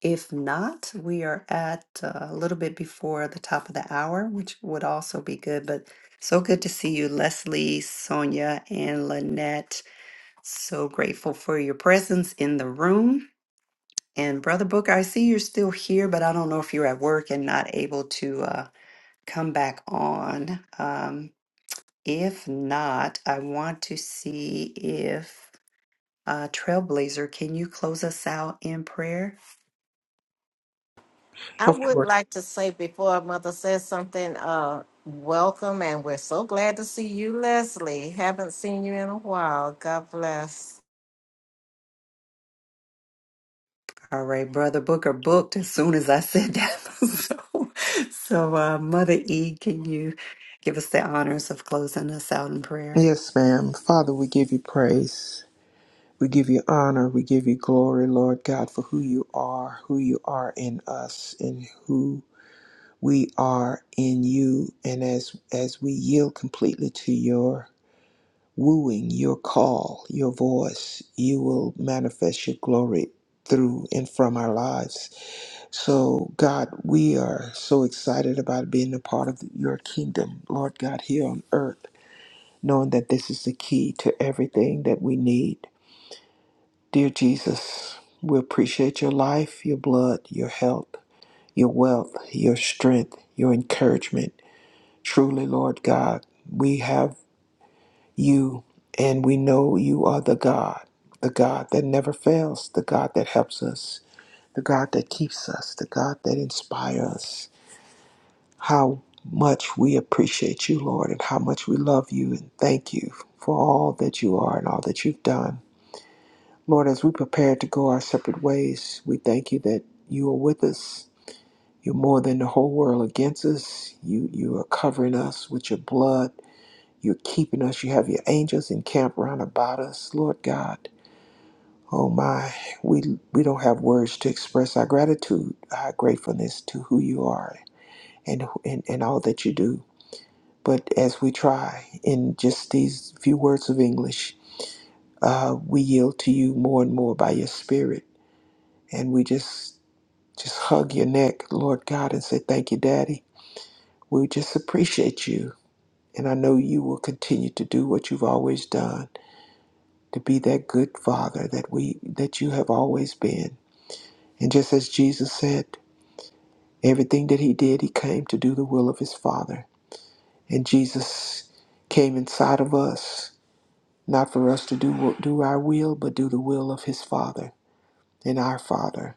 A: If not, we are at uh, a little bit before the top of the hour, which would also be good. But so good to see you, Leslie, Sonia, and Lynette. So grateful for your presence in the room. And Brother Booker, I see you're still here, but I don't know if you're at work and not able to uh, come back on. Um, if not, I want to see if uh, Trailblazer, can you close us out in prayer?
E: I
B: of
E: would
B: course.
E: like to say before Mother says something, uh, welcome, and we're so glad to see you, Leslie. Haven't seen you in a while. God bless.
A: All right, Brother Booker booked as soon as I said that. so, so uh, Mother E, can you give us the honors of closing us out in prayer?
B: Yes, ma'am. Father, we give you praise. We give you honor. We give you glory, Lord God, for who you are, who you are in us, and who we are in you and as as we yield completely to your wooing your call your voice you will manifest your glory through and from our lives so god we are so excited about being a part of your kingdom lord god here on earth knowing that this is the key to everything that we need dear jesus we appreciate your life your blood your health your wealth your strength your encouragement Truly, Lord God, we have you and we know you are the God, the God that never fails, the God that helps us, the God that keeps us, the God that inspires us. How much we appreciate you, Lord, and how much we love you and thank you for all that you are and all that you've done. Lord, as we prepare to go our separate ways, we thank you that you are with us. You're more than the whole world against us. You you are covering us with your blood. You're keeping us. You have your angels encamped round about us, Lord God. Oh my, we we don't have words to express our gratitude, our gratefulness to who you are and and, and all that you do. But as we try in just these few words of English, uh, we yield to you more and more by your Spirit, and we just just hug your neck, Lord God, and say thank you, Daddy. We just appreciate you, and I know you will continue to do what you've always done. to be that good father that we that you have always been. And just as Jesus said, everything that he did, he came to do the will of his father. And Jesus came inside of us, not for us to do do our will, but do the will of his father and our father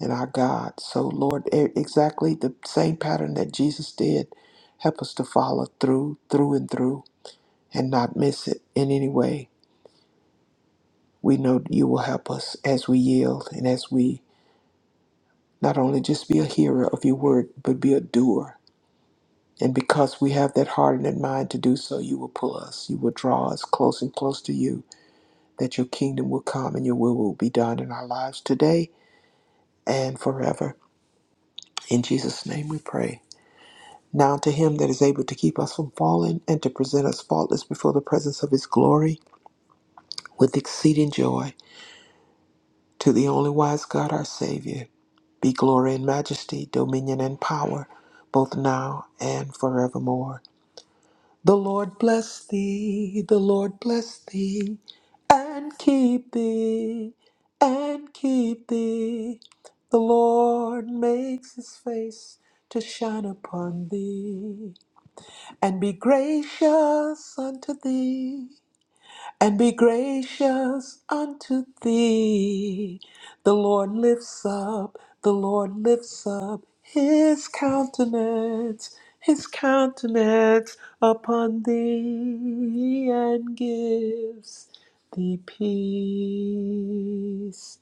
B: and our God. So Lord, e- exactly the same pattern that Jesus did, help us to follow through, through and through and not miss it in any way. We know you will help us as we yield and as we Not only just be a hearer of your word, but be a doer. And because we have that heart and that mind to do so, you will pull us. You will draw us close and close to you, that your kingdom will come and your will will be done in our lives today and forever. In Jesus' name we pray. Now to him that is able to keep us from falling and to present us faultless before the presence of his glory with exceeding joy, to the only wise God our Savior, be glory and majesty, dominion and power, both now and forevermore. The Lord bless thee, the Lord bless thee, and keep thee, and keep thee. The Lord makes his face to shine upon thee, and be gracious unto thee and be gracious unto thee. The Lord lifts up, the Lord lifts up his countenance, his countenance upon thee, and gives thee peace.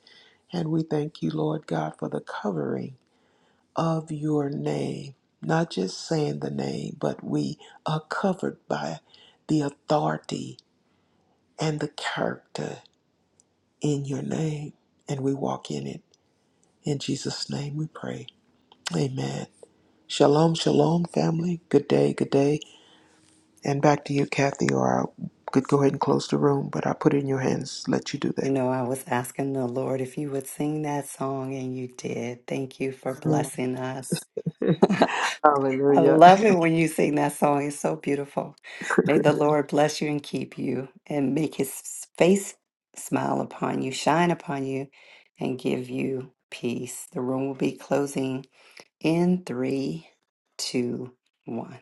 B: And we thank you, Lord God, for the covering of your name. Not just saying the name, but we are covered by the authority and the character in your name, and we walk in it. In Jesus' name we pray. Amen. Shalom, shalom, family. Good day, good day. And back to you, Kathy, or I could go ahead and close the room, but I put it in your hands. Let you do
A: You
B: that.
A: know, I was asking the Lord if you would sing that song, and you did. Thank you for
B: Mm.
A: blessing us. I
B: Hallelujah.
A: love it when you sing that song. It's so beautiful. May the Lord bless you and keep you, and make his face smile upon you, shine upon you, and give you peace. The room will be closing in three, two, one.